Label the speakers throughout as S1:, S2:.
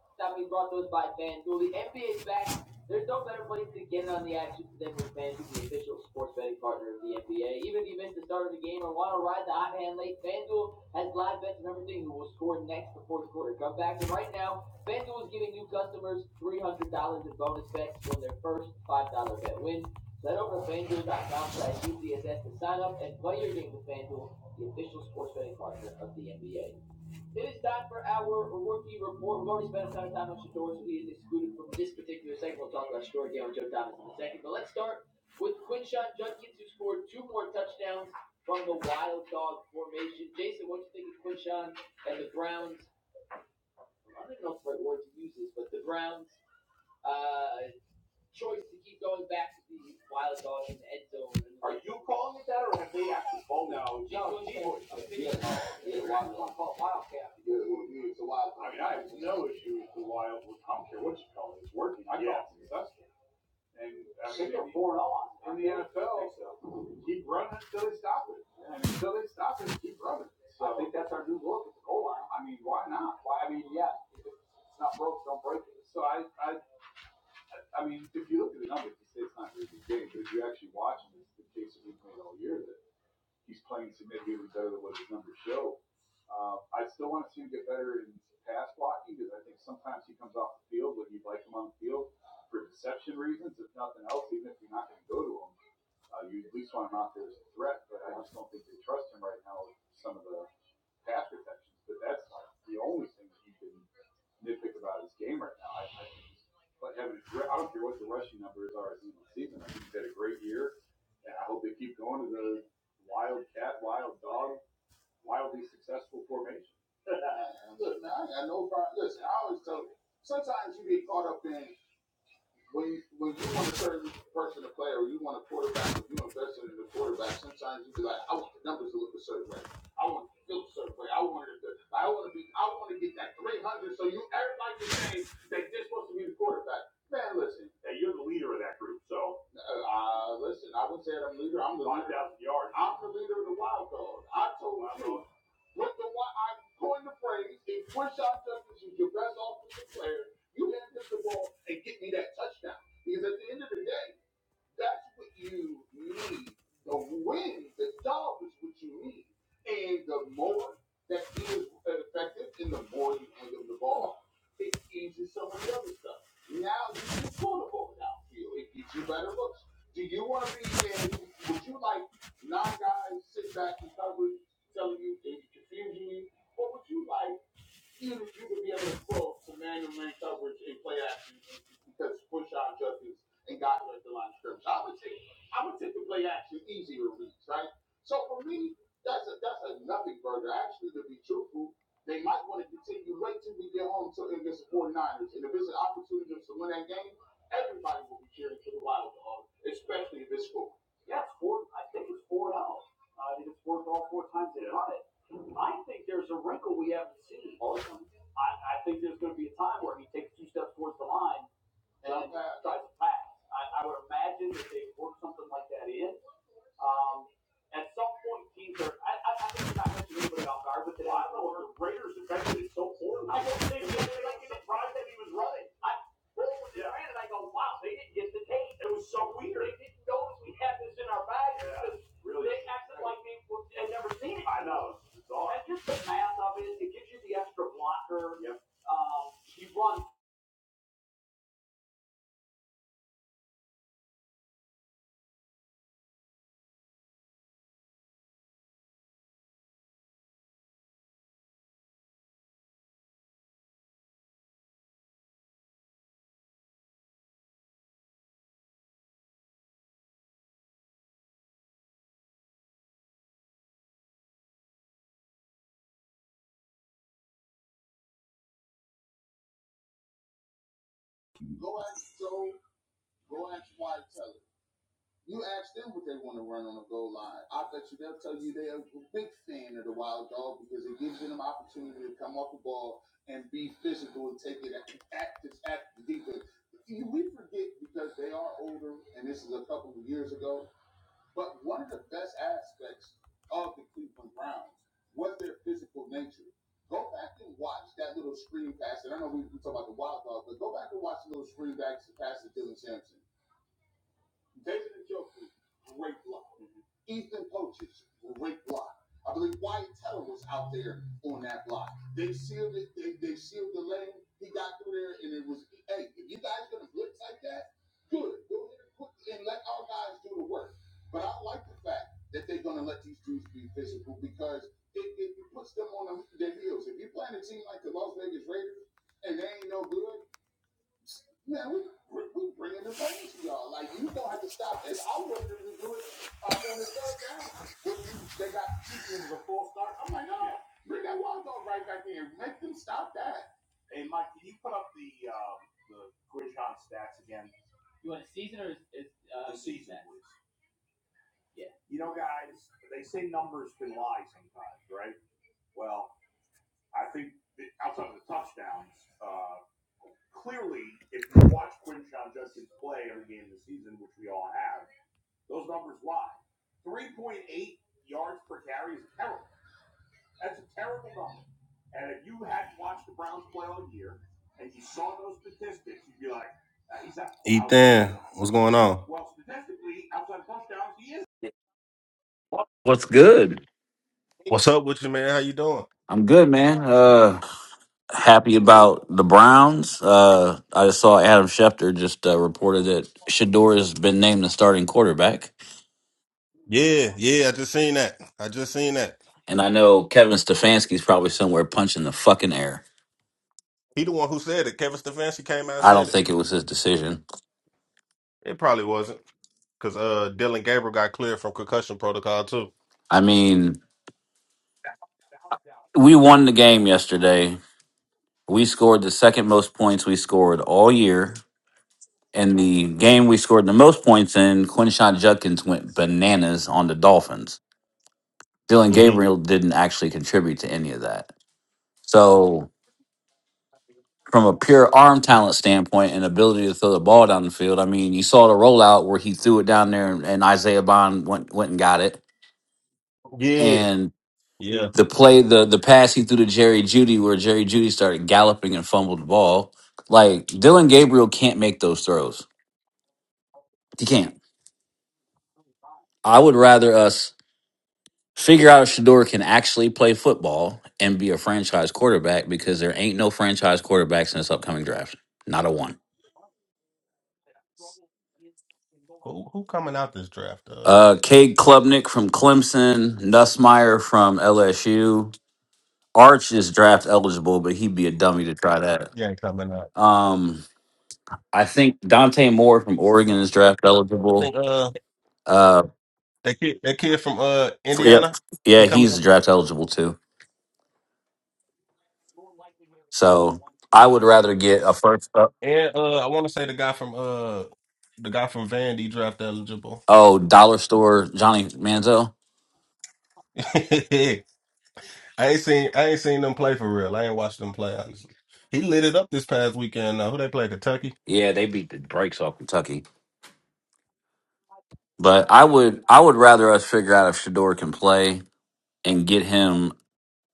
S1: Stop me brought to us by FanDuel. The NBA is back. There's no better place to get in on the action than with FanDuel, the official sports betting partner of the NBA. Even if you missed the start of the game or want to ride the hot hand late, FanDuel has live bets on everything who will score next before the quarter comes back. And right now, FanDuel is giving new customers $300 in bonus bets from their first $5 bet win. So head over to FanDuel.com slash UCSS to sign up and play your game with FanDuel, the official sports betting partner of the NBA. It is time for our rookie report. We've already spent a ton of time on Shador, so he is excluded from this particular segment. We'll talk about Shador again with Joe Thomas in a second. But let's start with Quinshon Judkins, who scored two more touchdowns from the Wild Dog formation. Jason, what do you think of Quinshon and the Browns? I don't even know if the right word to use this, but the Browns' uh, choice to keep going back to the Wild Dog in the end zone. And the Are- red zone. Jason, what do you think? Yeah, yeah, Wildcat. I want to be, I want to get that 300. So you, everybody can say that this supposed to be the quarterback. Man, listen. Hey, you're the leader of that group, so. Uh, listen, I would say that I'm the leader. I'm the leader. 5,000 yards. I'm the leader of the wild card. I told Wild you. card. What the what I coined the phrase, if Rashad Justice is your best offensive player, you hand him the ball and get me that touchdown. Because at the end of the day. That's what you need. The wins, the dog is what you need. And the more that he is effective and the more you handle the ball, it eases some of the other stuff. Now you can pull the ball downfield. It gets you better looks. Do you want to be in, would you like nine guys sit back and cover telling you and confusing you? Or would you like you, you would be able to pull Emmanuel man coverage and play action because Bushon judges and got at the line of scrimmage. I would take I would take the play action. Yeah, it's four I think it's four and out. Uh, I think it's worked all four times they run it. I think there's a wrinkle we haven't seen. Awesome. I, I think there's gonna be a time where he takes two steps towards the line and tries to pass. I, I would imagine that they work something like that in Um, at some point, teams are. I, I, I think you're not mentioning anybody off guard, but I don't know if the Raiders defended it so poor. I don't think they were like surprised that he was running. I rolled with the brand and I go, wow, they didn't get the tape. It was so weird. They didn't notice we had this in our bag because yeah, really? they acted like they had never seen it. I know. It's bizarre. And just the math of it, it gives you the extra blocker. Um, he runs what their physical nature. is. Go back and watch that little screen pass. And I know we we talk about the wild dog, but go back and watch the little screen back pass to Dylan Sampson. David Njoku, great block. Mm-hmm. Ethan Poaches, great block. I believe Wyatt Teller was out there on that block. They sealed it. They, they sealed the lane. He got through there, and it was hey. If you guys gonna blitz like that, good. Go ahead and put and let our guys do the work. But I like the fact that they're gonna let these dudes be physical because it, it puts them on their heels. If you're playing a team like the Las Vegas Raiders and they ain't no good, man, we we bringing the pain to y'all. Like you gonna have to stop. that. You want a season or is, is uh yeah.
S2: What's good?
S1: What's on?
S2: I'm good, man. Uh, happy about the Browns. Uh, I just saw Adam Schefter just uh, reported that Shador has been named the starting quarterback,
S1: Yeah, yeah. I just seen that. I just seen that.
S2: and I know Kevin Stefanski's probably somewhere punching the fucking air.
S1: He the one who said it. Kevin Stefanski came out and
S2: I don't
S1: said it.
S2: think it was his decision.
S1: It probably wasn't because uh, Dylan Gabriel got cleared from concussion protocol too.
S2: I mean, we won the game yesterday. We scored the second most points we scored all year. And the game we scored the most points in, Quinshon Judkins went bananas on the Dolphins. Dylan
S1: hmm
S2: Gabriel didn't actually contribute to any of that. So, from a pure arm talent standpoint and ability to throw the ball down the field, I mean, you saw the rollout where he threw it down there and, and Isaiah Bond went went and got it.
S1: Yeah,
S2: And
S1: yeah.
S2: the play, the the pass he threw to Jerry Judy, where Jerry Judy started galloping and fumbled the ball. Like Dylan Gabriel can't make those throws. He can't. I would rather us figure out if Shador can actually play football and be a franchise quarterback because there ain't no franchise quarterbacks in this upcoming draft. Not a one.
S1: Who who coming out this draft? Uh,
S2: Uh, Cade Klubnik from Clemson, Nussmeyer from LSU. Arch is draft eligible, but he'd be a dummy to try that.
S1: yeah, ain't coming out.
S2: Um, I think Dante Moore from Oregon is draft
S1: I
S2: eligible.
S1: think uh
S2: Uh,
S1: that kid that kid from uh
S2: for, yeah,
S1: Indiana. He
S2: yeah,
S1: coming
S2: he's
S1: up,
S2: draft eligible too. So I would rather get a first. Uh,
S1: and uh I want to say the guy from uh the guy from Vandy draft eligible.
S2: oh, dollar store Johnny Manziel.
S1: Yeah, I ain't seen I ain't seen them play for real. I ain't watched them play honestly. He lit it up this past weekend. Uh, who they play? Kentucky.
S2: Yeah, they beat the brakes off Kentucky. But I would I would rather us figure out if Shador can play and get him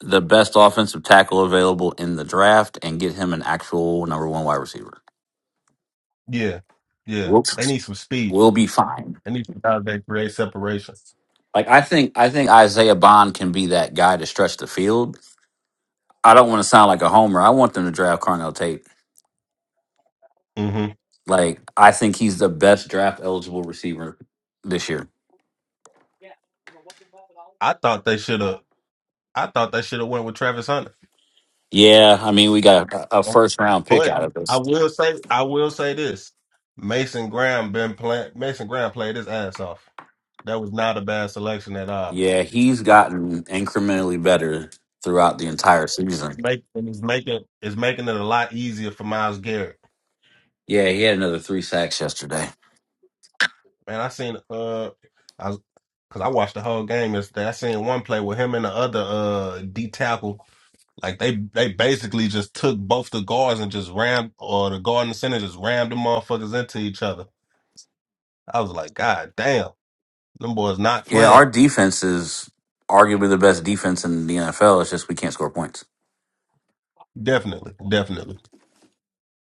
S2: the best offensive tackle available in the draft and get him an actual number one wide receiver.
S1: Yeah, yeah.
S2: We'll,
S1: They need some speed.
S2: we'll be fine.
S1: They need some guys that create separation.
S2: Like I think I think Isaiah Bond can be that guy to stretch the field. I don't want to sound like a homer. I want them to draft Carnell Tate.
S1: hmm
S2: Like I think he's the best draft eligible receiver this year.
S1: I thought they should have. I thought they should have went with Travis Hunter.
S2: Yeah, I mean we got a, a first round pick
S1: But
S2: out of
S1: I
S2: this.
S1: will say I will say this: Mason Graham been playing. Mason Graham played his ass off. That was not a bad selection at all.
S2: Yeah, he's gotten incrementally better throughout the entire
S1: It's
S2: season.
S1: making it's making it's making it a lot easier for Miles Garrett.
S2: Yeah, he had another three sacks yesterday.
S1: Man, I seen uh, I was because I watched the whole game yesterday. I seen one play with him and the other uh D tackle. Like they they basically just took both the guards and just rammed or the guard and the center just rammed the motherfuckers into each other. I was like, God damn, them boys not
S2: Yeah,
S1: playing.
S2: our defense is arguably the best defense in the NFL. It's just we can't score points.
S1: Definitely, definitely,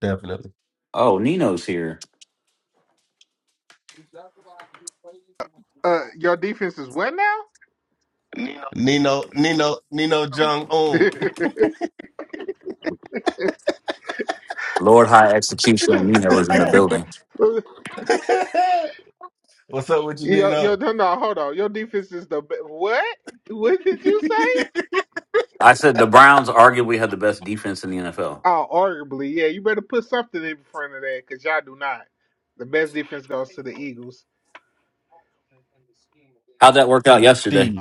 S1: definitely.
S2: Oh, Nino's here.
S3: Uh, your defense is what now?
S1: Nino, Nino, Nino Jung Un.
S2: Lord High Execution and Nino is in the building.
S1: What's up with you,
S3: yo, yo,
S1: Nino?
S3: no, no, hold on. Your defense is the be- what? What did you say?
S2: I said the Browns arguably had the best defense in the NFL.
S3: Oh, arguably, yeah. You better put something in front of that because y'all do not. The best defense goes to the Eagles.
S2: How'd that work out
S1: Gee,
S2: yesterday?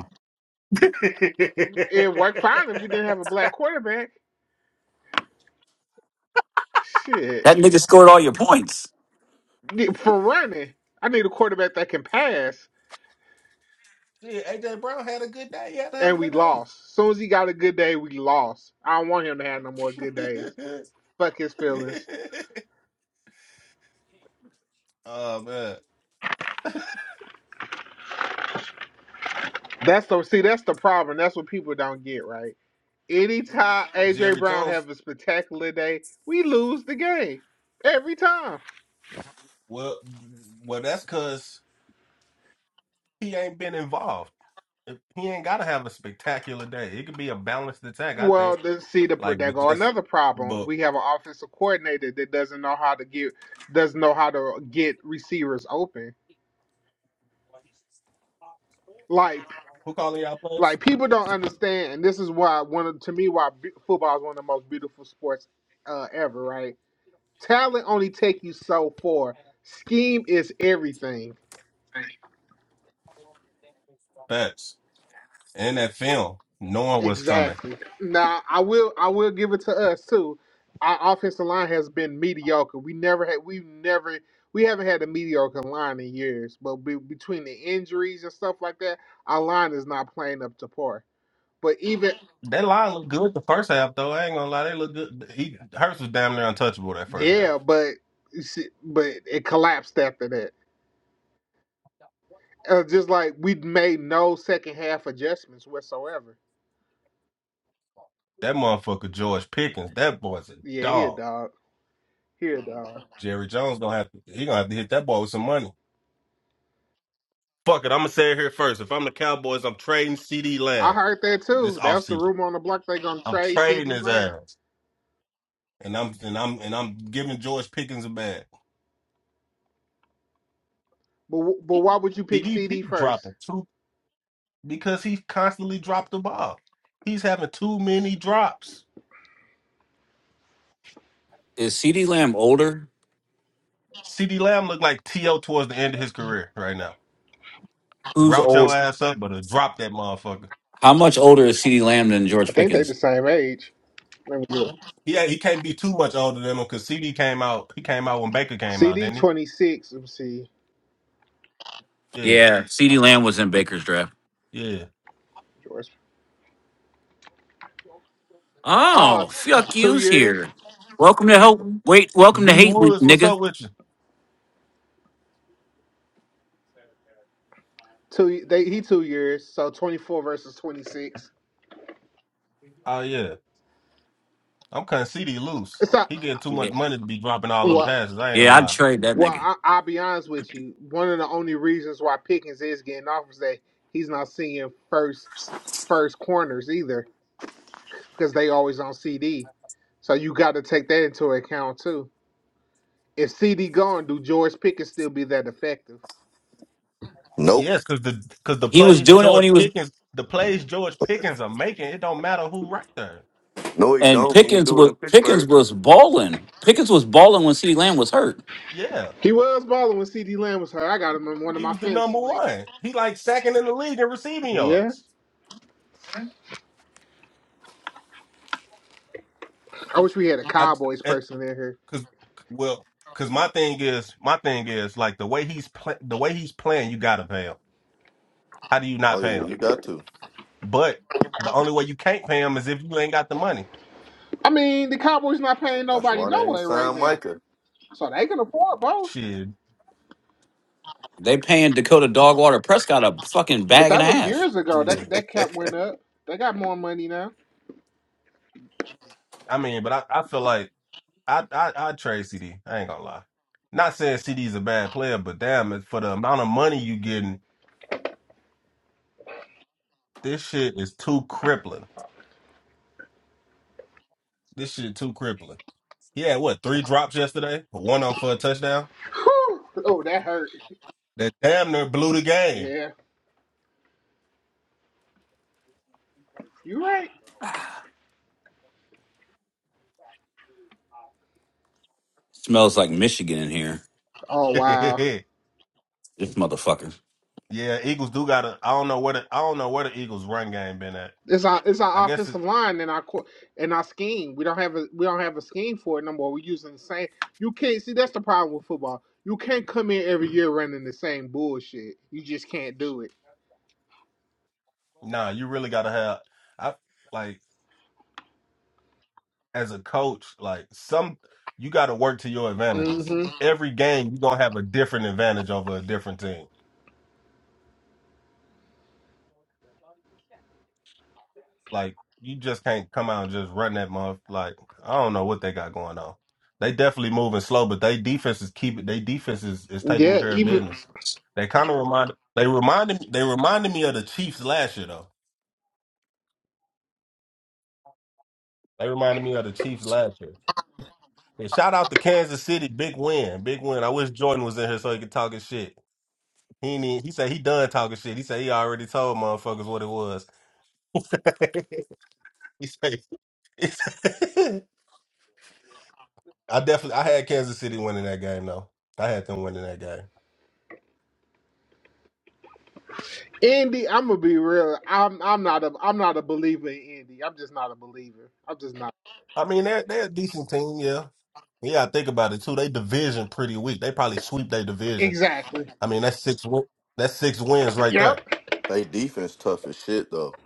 S3: It worked fine if we didn't have a black quarterback. Shit,
S2: That nigga scored all your points.
S3: Yeah, for running, I need a quarterback that can pass,
S1: AJ Brown had a good day. He had a
S3: and we
S1: hell
S3: lost. As Soon as he got a good day, we lost. I don't want him to have no more good days.
S1: of
S3: Fuck his
S1: a
S3: feelings.
S1: day. Oh man,
S3: That's the see. That's the problem. That's what people don't get right Anytime AJ
S1: Jerry
S3: Brown
S1: Jones.
S3: have a spectacular day, we lose the game every time.
S1: Well, well, that's because he ain't been involved. If- He ain't got to have a spectacular day. It could be a balanced attack, I
S3: Well,
S1: think.
S3: then see the
S1: Like,
S3: there
S1: but
S3: go
S1: just,
S3: another problem.
S1: but
S3: We have an offensive coordinator that doesn't know how to get doesn't know how to get receivers open. Like
S1: who calling y'all plays?
S3: like people don't understand, and this is why one of to me why football is one of the most beautiful sports uh, ever. Right? Talent only take you so far. Scheme is everything
S1: Facts and that film, knowing what's coming.
S3: Exactly. Now I will I will give it to us too. Our offensive line has been mediocre. We never had we never we haven't had a mediocre line in years. But be, between the injuries and stuff like that, our line is not playing up to par. But even
S1: That line looked good the first half, though. I ain't gonna lie, they look good. He Hurts was damn near untouchable that first half.
S3: yeah, but you see- but it collapsed after that. Uh, just like we made no second half adjustments whatsoever.
S1: That motherfucker George Pickens, that boy's a
S3: Yeah, here
S1: dog.
S3: dog. Here dog.
S1: Jerry Jones gonna have to, he gonna have to hit that boy with some money. Fuck it, I'm gonna say it here first. If I'm the Cowboys, I'm trading CD
S3: I
S1: Lamb
S3: heard that
S1: this
S3: too. That's the
S1: offseason.
S3: rumor on the block. They gonna
S1: I'm
S3: trade C
S1: trading
S3: D
S1: his
S3: Lamb.
S1: ass, and I'm and I'm and I'm giving George Pickens a bag.
S3: But wh- but why would you pick
S1: CD he
S3: CD first?
S1: dropping two because he constantly dropped the ball. He's having too many drops.
S2: Is CeeDee Lamb older?
S1: CD Lamb look like T.O. towards the end of his career right now.
S2: Who's
S1: Route your
S2: old?
S1: ass up, but drop that motherfucker.
S2: How much older is CeeDee Lamb than
S3: I
S2: George
S3: think they the
S2: Pickens?
S3: same age. Let me look.
S1: Yeah, he can't be too much older than him because CD came out. He came out when Baker came out,
S3: CD
S1: didn't he?
S3: twenty six. Let me see.
S1: Yeah,
S2: Yeah, CeeDee Lamb was in Baker's draft.
S1: yeah.
S3: George. Ah,
S2: Oh,
S3: t-
S2: fuck
S3: two
S2: you's
S3: years.
S2: here. Welcome to help. Wait, welcome to
S1: B
S2: hate week,
S1: Woods, what's
S2: nigga.
S1: up with you?
S3: Two. y- They he two years. So twenty four versus twenty six.
S1: Oh yeah. I'm cutting CD loose.
S3: It's not.
S1: He getting too
S2: Yeah,
S1: much money to be dropping all them
S3: Well,
S1: passes. I ain't gonna
S2: yeah, I'd
S1: lie.
S2: trade that
S3: well,
S2: nigga.
S3: I, I'll be honest with you. One of the only reasons why Pickens is getting off is that he's not seeing first first corners either because they always on CD. So you got to take that into account too. If CD gone, do George Pickens still be that effective?
S4: Nope.
S1: Yes, cause the cause the
S2: He was
S1: plays
S2: doing it when
S1: George
S2: he was,
S1: Pickens, the plays George Pickens are making, it don't matter who right there.
S4: No, he
S2: and
S4: don't. He ain't
S2: Pickens
S4: do it
S2: was
S4: in
S2: Pickens
S4: Pittsburgh.
S2: was balling. Pickens was balling when CeeDee Lamb was hurt.
S1: Yeah,
S3: He was balling when CD Lamb was hurt. I got him in one of
S1: he
S3: my
S1: was the
S3: fantasy
S1: number
S3: leagues.
S1: one. He like second in the league in receiving
S3: Yeah,
S1: yards.
S3: I wish we had a
S1: I
S3: Cowboys
S1: at,
S3: person in here.
S1: cause well, cause my thing is my thing is like the way he's pla- the way he's playing, you gotta pay him. How do you not
S4: Oh
S1: pay
S4: yeah,
S1: him?
S4: you got to.
S1: But the only way you can't pay him is if you ain't got the money.
S3: I mean, the Cowboys not paying
S4: That's
S3: nobody
S4: why
S3: no
S4: they ain't
S3: way right
S4: signed
S3: now,
S4: Micah.
S3: so they can afford both.
S1: Shit,
S2: They paying Dakota Dogwater Prescott a fucking
S3: But
S2: bag and
S3: that
S2: a
S3: was
S2: half.
S3: years ago.
S1: yeah.
S3: That that cap went up. They got more money now.
S1: I mean, but I, I feel like. I I I trade CD. I ain't gonna lie. Not saying CD's a bad player, but damn, it for the amount of money you getting, this shit is too crippling. This shit too crippling. He had what three drops yesterday, one on for a touchdown.
S3: Whew. Oh, that hurt.
S1: That damn near blew the game.
S3: Yeah, you right.
S2: Smells like Michigan in here.
S3: Oh wow.
S2: This motherfucker.
S1: yeah, Eagles do got to. I don't know where the I don't know where the Eagles run game been at.
S3: It's our it's
S1: I
S3: our
S1: guess it,
S3: offensive line and our co- and our scheme. We don't have a we don't have a scheme for it no more. We're using the same. You can't see that's the problem with football. You can't come in every year running the same bullshit. You just can't do it.
S1: nah, you really gotta have. I like as a coach, like some you gotta work to your advantages.
S3: hmm
S1: Every game you gonna have a different advantage over a different team. Like you just can't come out and just run that month. Like I don't know what they got going on. They definitely moving slow, but they defense is keeping. They defense is, is taking
S3: Yeah,
S1: care of
S3: even
S1: business. They kind of remind. They reminded me. They reminded me of the Chiefs last year though. They reminded me of the Chiefs last year. And shout out to Kansas City, big win, big win. I wish Jordan was in here so he could talk his shit. He ain't even- he said he done talking shit. He said he already told motherfuckers what it was. he said, I definitely I had Kansas City winning that game though. I had them winning that game.
S3: Indy. I'm gonna be real. I'm I'm not a I'm not a believer in Indy. I'm just not a believer. I'm just not
S1: I mean they're they're a decent team, yeah. Yeah, I think about it too. They division pretty weak. They probably sweep their division.
S3: exactly.
S1: I mean that's six win- that's six wins right
S3: Yep.
S1: there.
S4: They defense tough as shit though.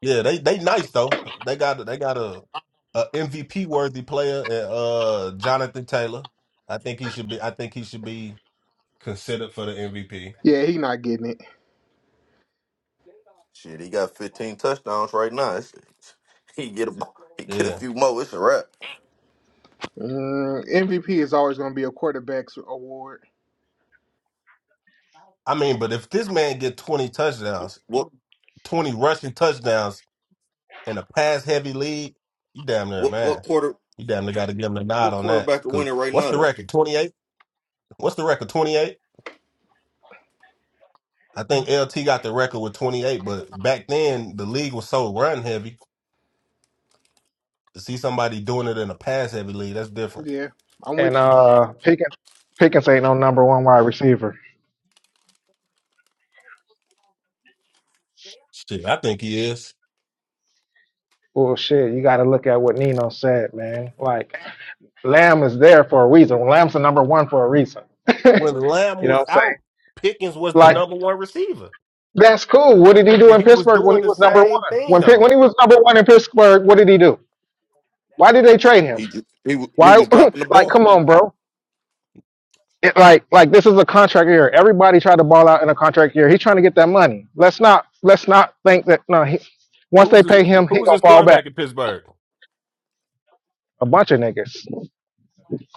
S1: Yeah, they they nice though. They got they got a, MVP worthy player, uh, uh, Jonathan Taylor. I think he should be. I think he should be considered for the MVP.
S3: Yeah, he not getting it.
S4: Shit, he got 15 touchdowns right now. It's, he get a he get a
S1: Yeah,
S4: few more. It's a wrap.
S3: Mm, MVP is always gonna be a quarterback's award.
S1: I mean, but if this man get twenty touchdowns,
S4: What
S1: twenty rushing touchdowns. in a pass heavy league, you damn near
S4: what what
S1: man.
S4: quarter
S1: You damn near got to give him the nod
S4: what
S1: on that.
S4: quarterback are
S1: Cause
S4: winning right
S1: what's
S4: now
S1: the
S4: though?
S1: record? Twenty eight. What's the record? Twenty eight. I think LT got the record with twenty eight. But back then the league was so run heavy. To see somebody doing it in a pass heavy league, that's different.
S3: Yeah, I'm
S5: And
S3: with you.
S5: uh, Pickens, Pickens ain't no number one wide receiver.
S1: Shit, I think he is.
S5: Well, shit, you got to look at what Nino said, man. Like, Lamb is there for a reason. Lamb's the number one for a reason. you
S1: When Lamb
S5: know what
S1: was
S5: I'm saying?
S1: out, Pickens was the
S5: Like,
S1: number one receiver,
S5: that's cool. What did he do
S1: and
S5: in
S1: he was
S5: Pittsburgh when
S1: doing
S5: he
S1: the
S5: was number
S1: same
S5: one?
S1: thing
S5: When Pitt,
S1: though.
S5: when he was number one in Pittsburgh, what did he do? Why did they trade him?
S4: He ju- he wa- he
S5: Why?
S4: was dropping the
S5: like,
S4: ball.
S5: come on, bro. It, like, like this is a contract year. Everybody tried to ball out in a contract year. He's trying to get that money. Let's not, let's not think that. No, he, once
S1: Who's
S5: they
S1: his
S5: pay him, he
S1: Who's
S5: gonna
S1: his
S5: fall back.
S1: quarterback in Pittsburgh?
S5: a bunch of niggas,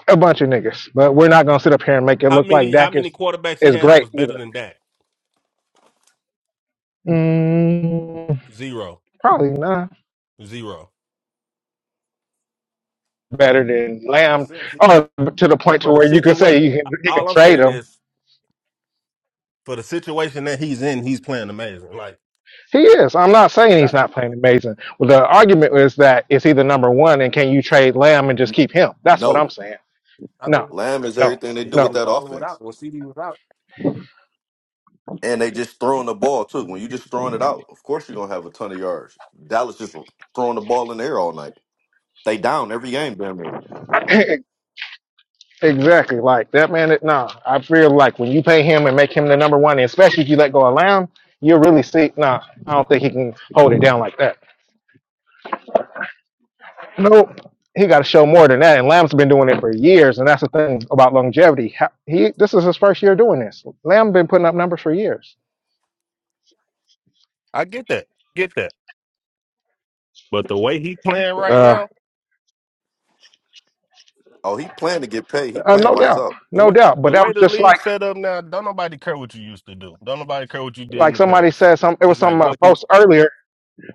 S5: a bunch of niggas. But we're not gonna sit up here and make it
S1: How
S5: look like
S1: many How
S5: Dak is
S1: many quarterbacks he
S5: is
S1: had that
S5: great
S1: was better
S5: either.
S1: than that?
S5: Mm,
S1: Zero.
S5: probably not.
S1: Zero. Zero.
S5: Better than
S1: I'm just
S5: Lamb,
S1: saying.
S5: or to the point to
S1: for the
S5: where you can say
S1: situation,
S5: you can you can
S1: all I'm
S5: trade
S1: saying
S5: him.
S1: is for the situation that he's in, he's playing amazing. Like,
S5: He is. I'm not
S1: you
S5: saying
S1: got,
S5: he's not playing amazing. Well, the argument is that it's either number one and can you trade Lamb and just keep him? That's what I'm
S4: No,
S5: saying.
S1: I
S5: No,
S1: mean,
S4: Lamb is
S5: no,
S4: everything they
S1: shit,
S4: do
S1: he
S4: with
S5: no.
S1: was
S4: that
S1: balling
S4: offense,
S1: without when CD was out.
S4: and they just throwing the ball too. When you just throwing it out, of course you're gonna have a ton of yards. Dallas just throwing the ball in the air all night. They down every game down there.
S5: Exactly. Like that man, it- nah, I feel like when you pay him and make him the number one, and especially if you let go of Lamb, you're really see, nah, I don't think he can hold it down like that. Nope. He got to show more than that. And Lamb's been doing it for years. And that's the thing about longevity. Ha- He, this is his first year doing this. Lamb been putting up numbers for years.
S1: I get that, get that. But the way he playing right
S5: Uh,
S1: now,
S4: Oh, he playing to get paid. He
S5: uh,
S4: playing
S5: no
S4: lights
S5: doubt.
S4: up.
S1: the
S5: No
S1: way
S5: doubt. But
S1: the
S5: that
S1: way
S5: was
S1: the
S5: just
S1: league
S5: like,
S1: set up now, don't nobody care what you used to do. Don't nobody care what you did in
S5: like
S1: the
S5: somebody
S1: past.
S5: said some, it was
S1: It's like
S5: some uh,
S1: what he.
S5: post earlier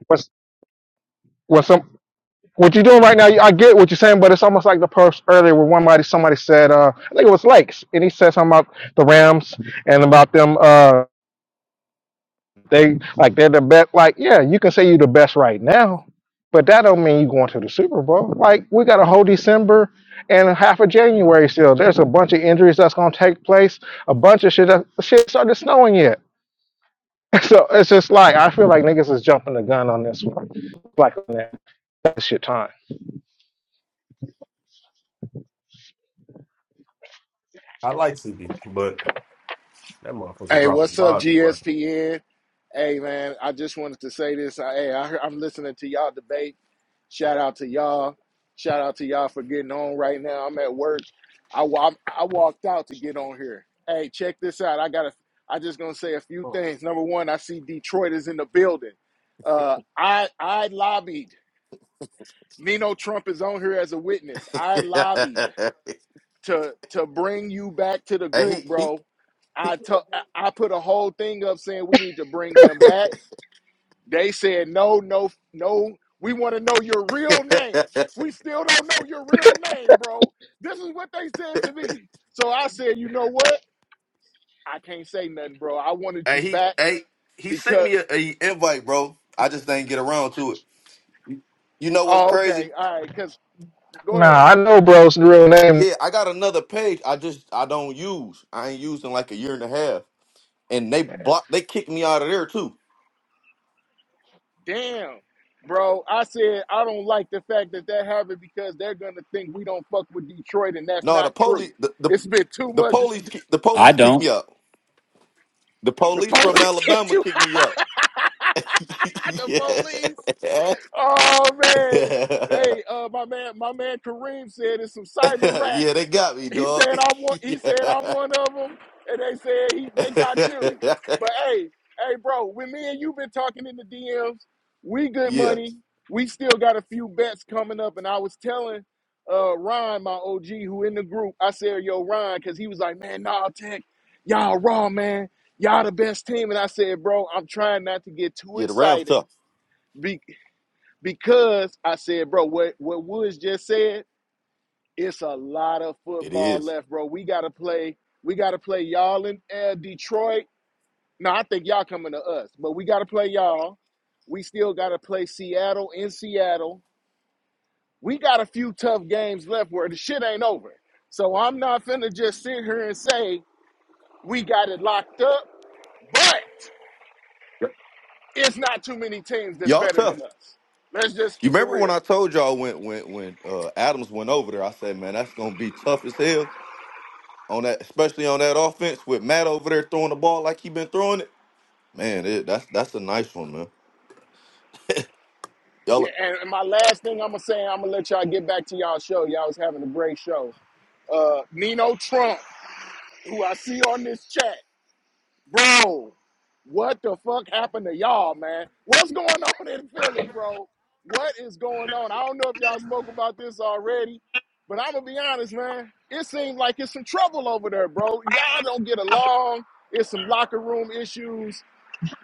S5: was, When some. what you're doing right now, I get what you're saying, but it's almost like the post earlier where one mighty somebody said, uh, I think it was Lakes, and he said something about the Rams and about them. Uh, they like they're the best. Like, yeah, you can say you're the best right now, but that don't mean you're going to the Super Bowl. Like, we got a whole December and half of January still. There's a bunch of injuries that's going to take place. A bunch of shit. That, shit started snowing yet, so it's just like I feel like niggas is jumping the gun on this one. Like, man, that's shit time.
S1: I like CD, but that motherfucker
S6: Hey,
S1: dropping
S6: what's up,
S1: balls. too much.
S6: GSPN? Hey, man, I just wanted to say this. I- Hey, I, heard- I'm listening to y'all debate. Shout out to y'all. Shout out to y'all for getting on right now. I'm at work. I, wa- I walked out to get on here. Hey, check this out. I got to I just gonna say a few things. Number one, I see Detroit is in the building. Uh, I I lobbied. Nino Trump is on here as a witness. I lobbied
S4: hey,
S6: to to bring you back to the group,
S4: he he
S6: bro.
S4: he
S6: I to- I I put a whole thing up saying we need to bring him back. They said no, no, no. We want to know your real name. We still don't know your real name, bro. This is what they said to me. So I said, you know what? I can't say nothing, bro. I wanted
S4: hey,
S6: you
S4: he
S6: back
S4: hey, he sent
S6: because.
S4: me a, a invite, bro. I just didn't get around to it. You you know what's
S6: Oh, okay,
S4: crazy?
S6: all right. Cause go ahead.
S5: Nah, I know bro's real name
S4: Yeah, I got another page. I just I don't use. I ain't used in like a year and a half, and they block. They kicked me out of there too.
S6: damn, bro. I said I don't like the fact that that happened because they're gonna think we don't fuck with Detroit, and that's
S4: No, the
S6: not
S4: police
S6: true.
S4: the the,
S6: It's been too
S4: the
S6: much.
S4: police ki- the
S2: I
S4: police kicked me
S2: don't.
S4: out. The
S6: The
S4: police from
S6: police get
S4: Alabama
S6: you.
S4: kicked me out.
S6: the police. Oh man.
S4: yeah.
S6: Hey, uh, my man, my man Kareem said it's some cyber
S4: yeah, they
S6: rats.
S4: got me,
S6: He said
S4: dog.
S6: I'm one. He said
S4: yeah.
S6: I'm one of them, and they said he, they got you. But hey, hey, bro, when me and you been talking in the DMs, we good
S4: yeah.
S6: money. We still got a few bets coming up, and I was telling uh Ron, my OG, who in the group, I said, "Yo, Ron," because he was like, "Man, nah, Tech, y'all raw, man. Y'all the best team." And I said, "Bro, I'm trying not to get too
S4: Yeah, the Rams
S6: excited."
S4: tough.
S6: Be because I said, bro, what, what Woods just said, it's a lot of
S4: It
S6: football
S4: is.
S6: left, bro. We gotta play, we gotta play y'all in uh, Detroit. No, I think y'all coming to us, but we gotta play y'all. We still gotta play Seattle in Seattle. We got a few tough games left where the shit ain't over. So I'm not finna just sit here and say we got it locked up, but
S4: Yup.
S6: it's not too many teams that's
S4: Y'all
S6: better
S4: tough.
S6: than us. Let's just
S4: You
S6: keep it
S4: remember when
S6: real.
S4: I told y'all when when when uh, Adams went over there, I said, man, that's gonna be tough as hell on that, especially on that offense with Matt over there throwing the ball like he been throwing it. Man, it, that's that's a nice one, man.
S6: Yeah,
S4: Y'all,
S6: and, and my last thing I'm gonna say, I'm gonna let y'all get back to y'all show. Y'all was having a great show. Uh, Nino Trump, who I see on this chat, bro. What the fuck happened to y'all, man? What's going on in Philly, bro? What is going on? I don't know if y'all spoke about this already, but I'm gonna be honest, man. It seems like it's some trouble over there, bro. Y'all don't get along. It's some locker room issues.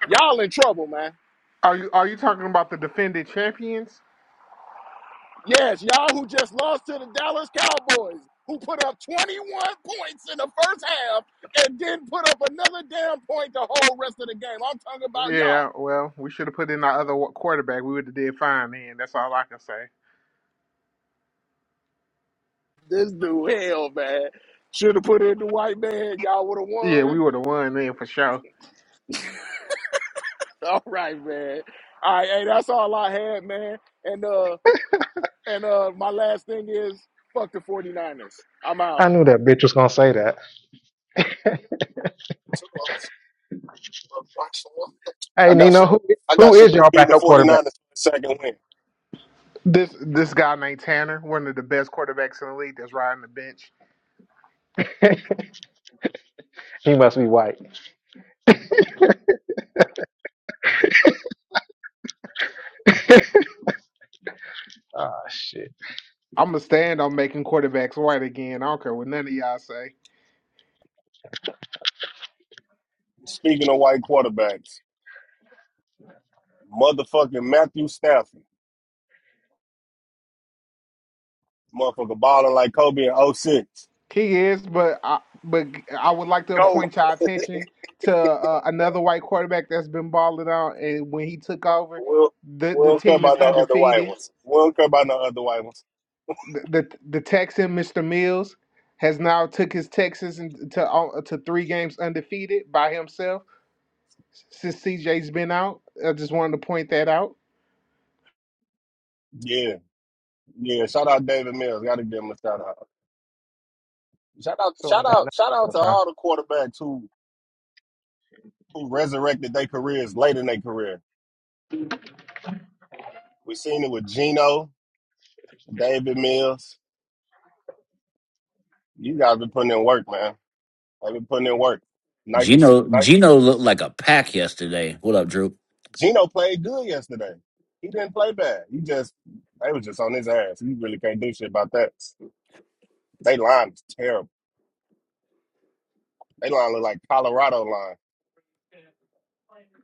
S6: Y'all in trouble, man.
S3: Are you are you talking about the defended champions?
S6: Yes, y'all who just lost to the Dallas Cowboys, who put up 21 points in the first half and then put up another damn point the whole rest of the game. I'm talking about y'all.
S3: Yeah, well, we should have put in our other wa- quarterback. We would have did fine then. That's all I can say.
S6: This dude, hell, man. Should have put in the white man. Y'all would have
S3: Yeah, we
S6: won.
S3: would have won then for sure.
S6: All right, man. All right, hey, that's all I had, man. And uh and uh my last thing is fuck the 49ers. I'm out.
S5: I knew that bitch was gonna say that. Hey
S1: I got
S5: Nino,
S1: you.
S5: who
S1: I
S5: who
S1: got you
S5: is your
S1: beating the
S5: backup quarterback?
S1: 49ers for the second win.
S3: This this guy named Tanner, one of the best quarterbacks in the league, that's riding the bench.
S5: he must be white. Ah shit.
S3: I'm gonna stand on making quarterbacks white again. I don't care what none of y'all say. He is, but I but I would like to
S6: Go
S3: point y'all attention to uh, another white quarterback that's been balling out, and when he took over, the
S1: We
S3: the
S1: don't care
S3: team is
S1: about no other white
S3: undefeated.
S1: ones. We don't care about no other white ones.
S3: the the, the Texan Mr. Mills has now took his Texas in- to all- to three games undefeated by himself since CJ's been out. I just wanted to point that out.
S1: Yeah, yeah. Shout out David Mills. Got to give him a shout out.
S5: Ain't got nothing on time.
S1: All the quarterbacks who in career. We see that. They've been putting in work. Nice to see.
S2: Gino Gino looked like a pack yesterday. What up, Drew?
S1: Gino played good yesterday. He didn't play bad. He just they was just on his ass. You really can't do shit about that. They line is terrible. They line look like Colorado line.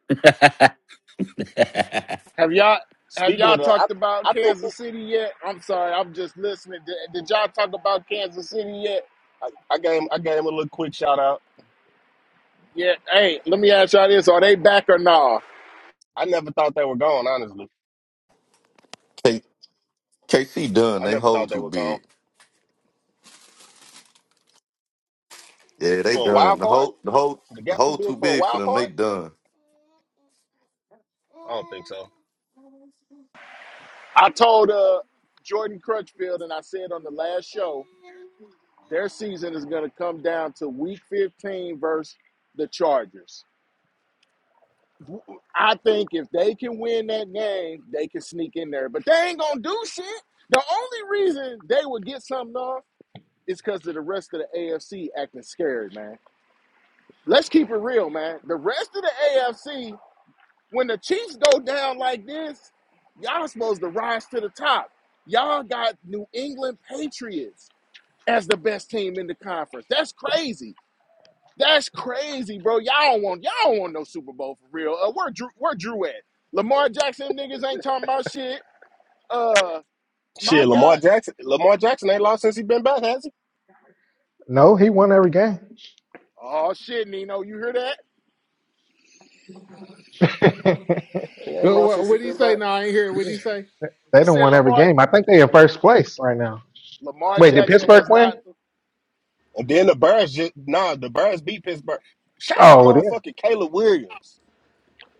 S2: I
S6: Have y'all have
S1: Speaking
S6: y'all
S1: of that, I
S6: talked about
S1: I think
S6: Kansas City yet? I'm sorry, I'm just listening. Did, did y'all talk about Kansas City yet?
S1: I, I gave I gave him a little quick shout out.
S6: Yeah. Hey, let me ask y'all this: Are they back or nah?
S1: I never thought they were gone. Honestly,
S4: K, KC done.
S1: I
S4: They
S1: never thought
S4: hold
S1: they
S4: too
S1: were gone
S4: big. Yeah, they
S1: for a
S4: done.
S1: wild
S4: The
S1: card.
S4: whole the whole
S1: The
S4: the
S1: gap too
S4: whole too
S1: big for a
S4: big for
S1: wild
S4: them. They
S1: card.
S4: done.
S1: I don't think so.
S6: I told uh, Jordan Crutchfield, and I said on the last show, their season is going to come down to Week 15 versus the Chargers. I think if they can win that game, they can sneak in there. But they ain't gonna do shit. The only reason they would get something off is because of the rest of the AFC acting scared, man. Let's keep it real, man. The rest of the AFC, when the Chiefs go down like this, y'all supposed to rise to the top. Y'all got New England Patriots as the best team in the conference. That's crazy. That's crazy, bro. Y'all don't want y'all don't want no Super Bowl for real. Uh, where Drew where Drew at? Lamar Jackson niggas ain't talking about shit. Uh my
S1: Shit, Lamar
S6: God.
S1: Jackson. Lamar Jackson ain't lost since he been back, has he?
S5: No, he won every game.
S6: Oh shit, Nino, you hear that?
S5: yeah,
S1: He ain't lost
S3: What
S1: since he
S3: what did he
S1: been back.
S3: say? No, I ain't hear. it. What did he
S5: they
S3: say?
S6: He
S5: don't
S6: said
S5: won every
S6: Lamar
S5: game. I think they in first place right now.
S6: Lamar
S5: Wait, did
S6: Jackson
S5: Pittsburgh
S6: has
S5: win?
S6: not
S1: And then the Birds just nah, the Birds beat Pittsburgh. Shout out
S5: Oh yeah,
S1: motherfucking Caleb Williams.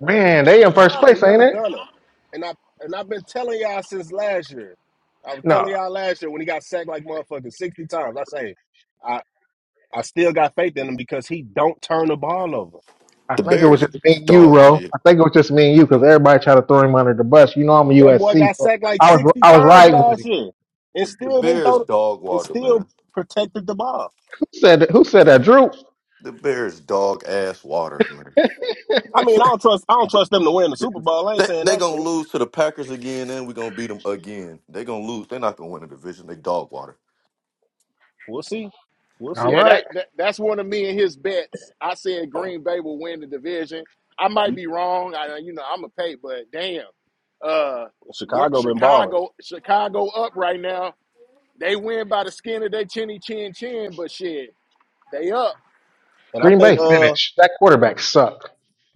S5: man, they in
S1: Shout
S5: first
S1: out the
S5: place, ain't
S1: young
S5: it?
S1: gunner. And I and I've been telling y'all since last year. I was telling
S5: No,
S1: y'all last year when he got sacked like motherfucking sixty times. I say, I I still got faith in him because he don't turn the ball over.
S5: I
S4: The
S5: think it was
S4: Bears
S5: just me and you,
S4: dog
S5: bro.
S4: shit.
S5: I think it was just me and you because everybody tried to throw him under the bus. You know I'm a
S1: That boy
S5: USC,
S1: got
S5: so
S1: sacked like
S5: I was
S1: sixty
S5: I was
S1: times
S5: riding with
S1: last
S5: him.
S1: year, and
S4: The, the
S1: still didn't
S4: Bears
S1: throw, the-
S4: dog
S1: and
S4: water,
S1: still
S4: man.
S1: protected the ball.
S5: Who said that? Who said that? Drew.
S4: The Bears dog ass water, man.
S1: I mean, I don't trust I don't trust them to win the Super Bowl. I ain't
S4: They
S1: saying
S4: they
S1: that
S4: gonna
S1: shit.
S4: lose to the Packers again, and we gonna beat them again. They gonna lose. They're not gonna win the division. They dog water.
S1: We'll see, we'll
S5: All
S1: see.
S6: Yeah, that,
S5: right,
S6: that that's one of me and his bets. I said Green Bay will win the division. I might
S1: You,
S6: be wrong. I you know I'm a pay, but damn, uh, where-
S1: Chicago been balling.
S6: Chicago Chicago up right now. They win by the skin of their chinny chin chin, but shit, they up.
S1: And I
S5: Green
S1: think
S5: Bay
S1: uh
S5: finished. That quarterback sucked.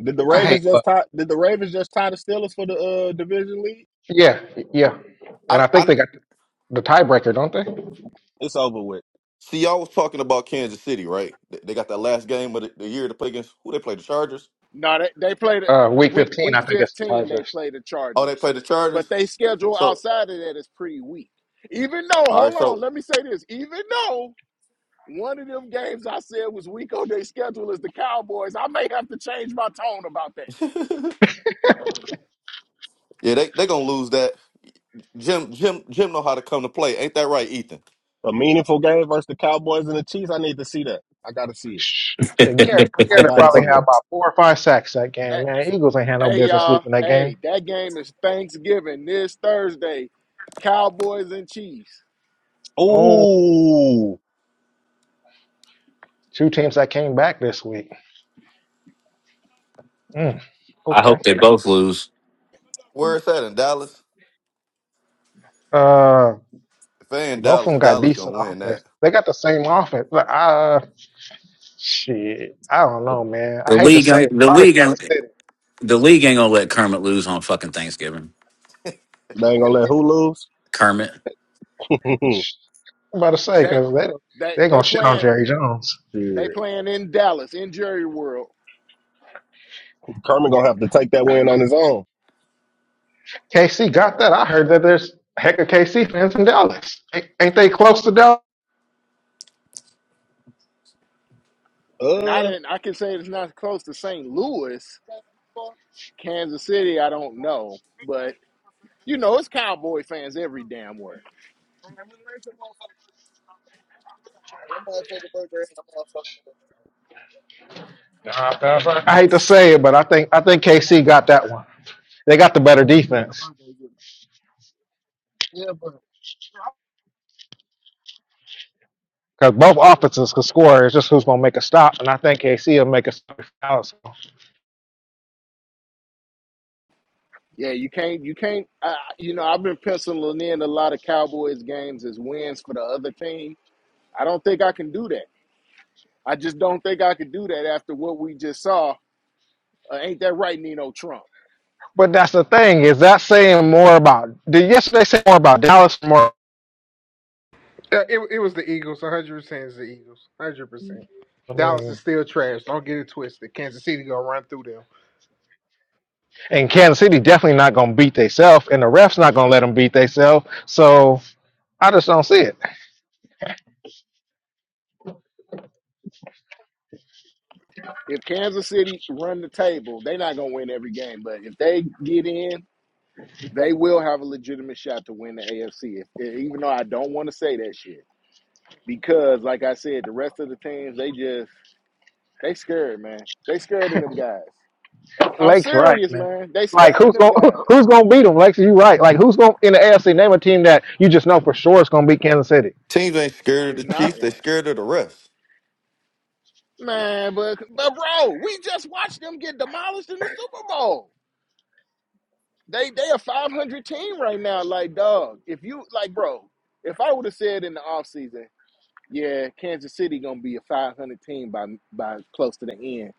S1: did the
S5: I
S4: Yeah,
S5: hate
S1: Ravens just
S5: luck.
S1: tie did the Ravens just tie the Steelers for the uh division lead?
S5: Yeah, yeah. And
S4: I
S5: I think
S4: I
S5: they got the tiebreaker, don't they?
S1: It's over with.
S4: see. Y'all was talking about Kansas City, right? They they got that last game of the, the year to play against who? They play the Chargers.
S6: No, they they played
S5: Uh, week
S6: week
S5: 15, I
S6: week
S5: think it's the
S6: 15. They
S5: Chargers.
S6: play the
S4: Oh, they
S6: Chargers,
S4: play the
S6: but
S4: Chargers.
S6: they schedule
S4: So
S6: outside of that is pretty weak. Even though,
S4: all right,
S6: hold on,
S4: so
S6: let me say this. Even though One of them games I said was weak on their schedule is the Cowboys. I may have to change my tone about that.
S4: yeah, they they gonna lose that. Jim Jim Jim know how to come to play. Ain't that right, Ethan?
S1: A meaningful game versus the Cowboys and the Chiefs. I need to see that. I gotta see it.
S5: Shh. Shit, Garrett,
S1: I
S5: Garrett will
S1: gotta
S5: probably had
S1: see it.
S5: about four or five sacks that
S6: Hey,
S5: game, man. Eagles ain't had no
S6: hey,
S5: business
S6: y'all.
S5: losing that game.
S6: Hey, that game is Thanksgiving this Thursday. Cowboys and Chiefs.
S5: Oh,
S1: Ooh.
S5: two teams that came back this week. Mm, okay.
S2: hope they both lose.
S4: Where it's at in Dallas.
S5: Uh,
S4: If they in
S5: both of
S4: Dallas,
S5: them got
S4: Dallas
S5: decent
S4: gonna win that.
S5: offense. They got the same offense. But, uh, shit, I don't know, man. I
S2: The
S5: hate to
S2: league,
S5: say it.
S2: ain't- the
S5: Probably
S2: league,
S5: Kansas
S2: ain't-
S5: City.
S2: the league ain't gonna let Kermit lose on fucking Thanksgiving.
S1: They ain't gonna let who lose?
S2: Kermit,
S5: Shh, I'm about to say,
S6: They
S1: Shit.
S5: because they,
S6: they
S5: they're
S6: they
S5: going to shit on
S6: playing
S5: Jerry Jones.
S6: they
S1: Shit.
S6: playing in Dallas, in Jerry World.
S1: Kermit gonna have to take that win on his own.
S5: KC got that. I heard that there's a heck of KC fans in Dallas. Ain't ain't they close to Dallas?
S6: Not
S1: Uh
S6: in I can say it's not close to St. Louis, Kansas City, I don't know. But you know, it's cowboy fans every damn word.
S5: Nah, that's right. I hate to say it, but I think I think KC got that one. They got the better defense because both offenses can score. It's just who's gonna make a stop, and I think KC will make a stop. if Dallas
S6: Yeah, you can't. You can't. Uh, you know, I've been penciling in a lot of Cowboys games as wins for the other team. I don't think I can do that. I just don't think I could do that after what we just saw. Uh, ain't that right, Nino Trump?
S5: But that's the thing is that saying more about did yesterday say more about Dallas more.
S3: Uh, it it was the Eagles. One hundred percent is the Eagles. One hundred percent.
S5: I
S3: Dallas
S5: mean,
S3: is still trash. Don't get it twisted. Kansas City gonna run through them.
S5: and Kansas City definitely not gonna beat themselves, and the refs not gonna let them beat themselves. So I just don't see it.
S6: If Kansas City run the table, they're not gonna win every game, but if they get in, they will have a legitimate shot to win the AFC. If, if- even though I don't want to say that shit, because like I said, the rest of the teams they just they scared, man. They scared of them guys. I'm
S5: Lake's right,
S6: serious,
S5: man.
S6: man. They
S5: Like
S6: scared of
S5: who's
S6: them
S5: gonna
S6: guys.
S5: who's gonna beat them? Lakes, you right. Like who's gonna in the AFC name a team that you just know for sure it's gonna beat Kansas City?
S4: Teams ain't scared of
S6: It's
S4: the
S6: not
S4: Chiefs. They
S6: one.
S4: scared of the refs.
S6: Man, but but bro, we just watched them get demolished in the Super Bowl. They they a 500 team right now. Like, dog, if you like, bro, if I would have said in the offseason, yeah, Kansas City gonna be a 500 team by by close to the end,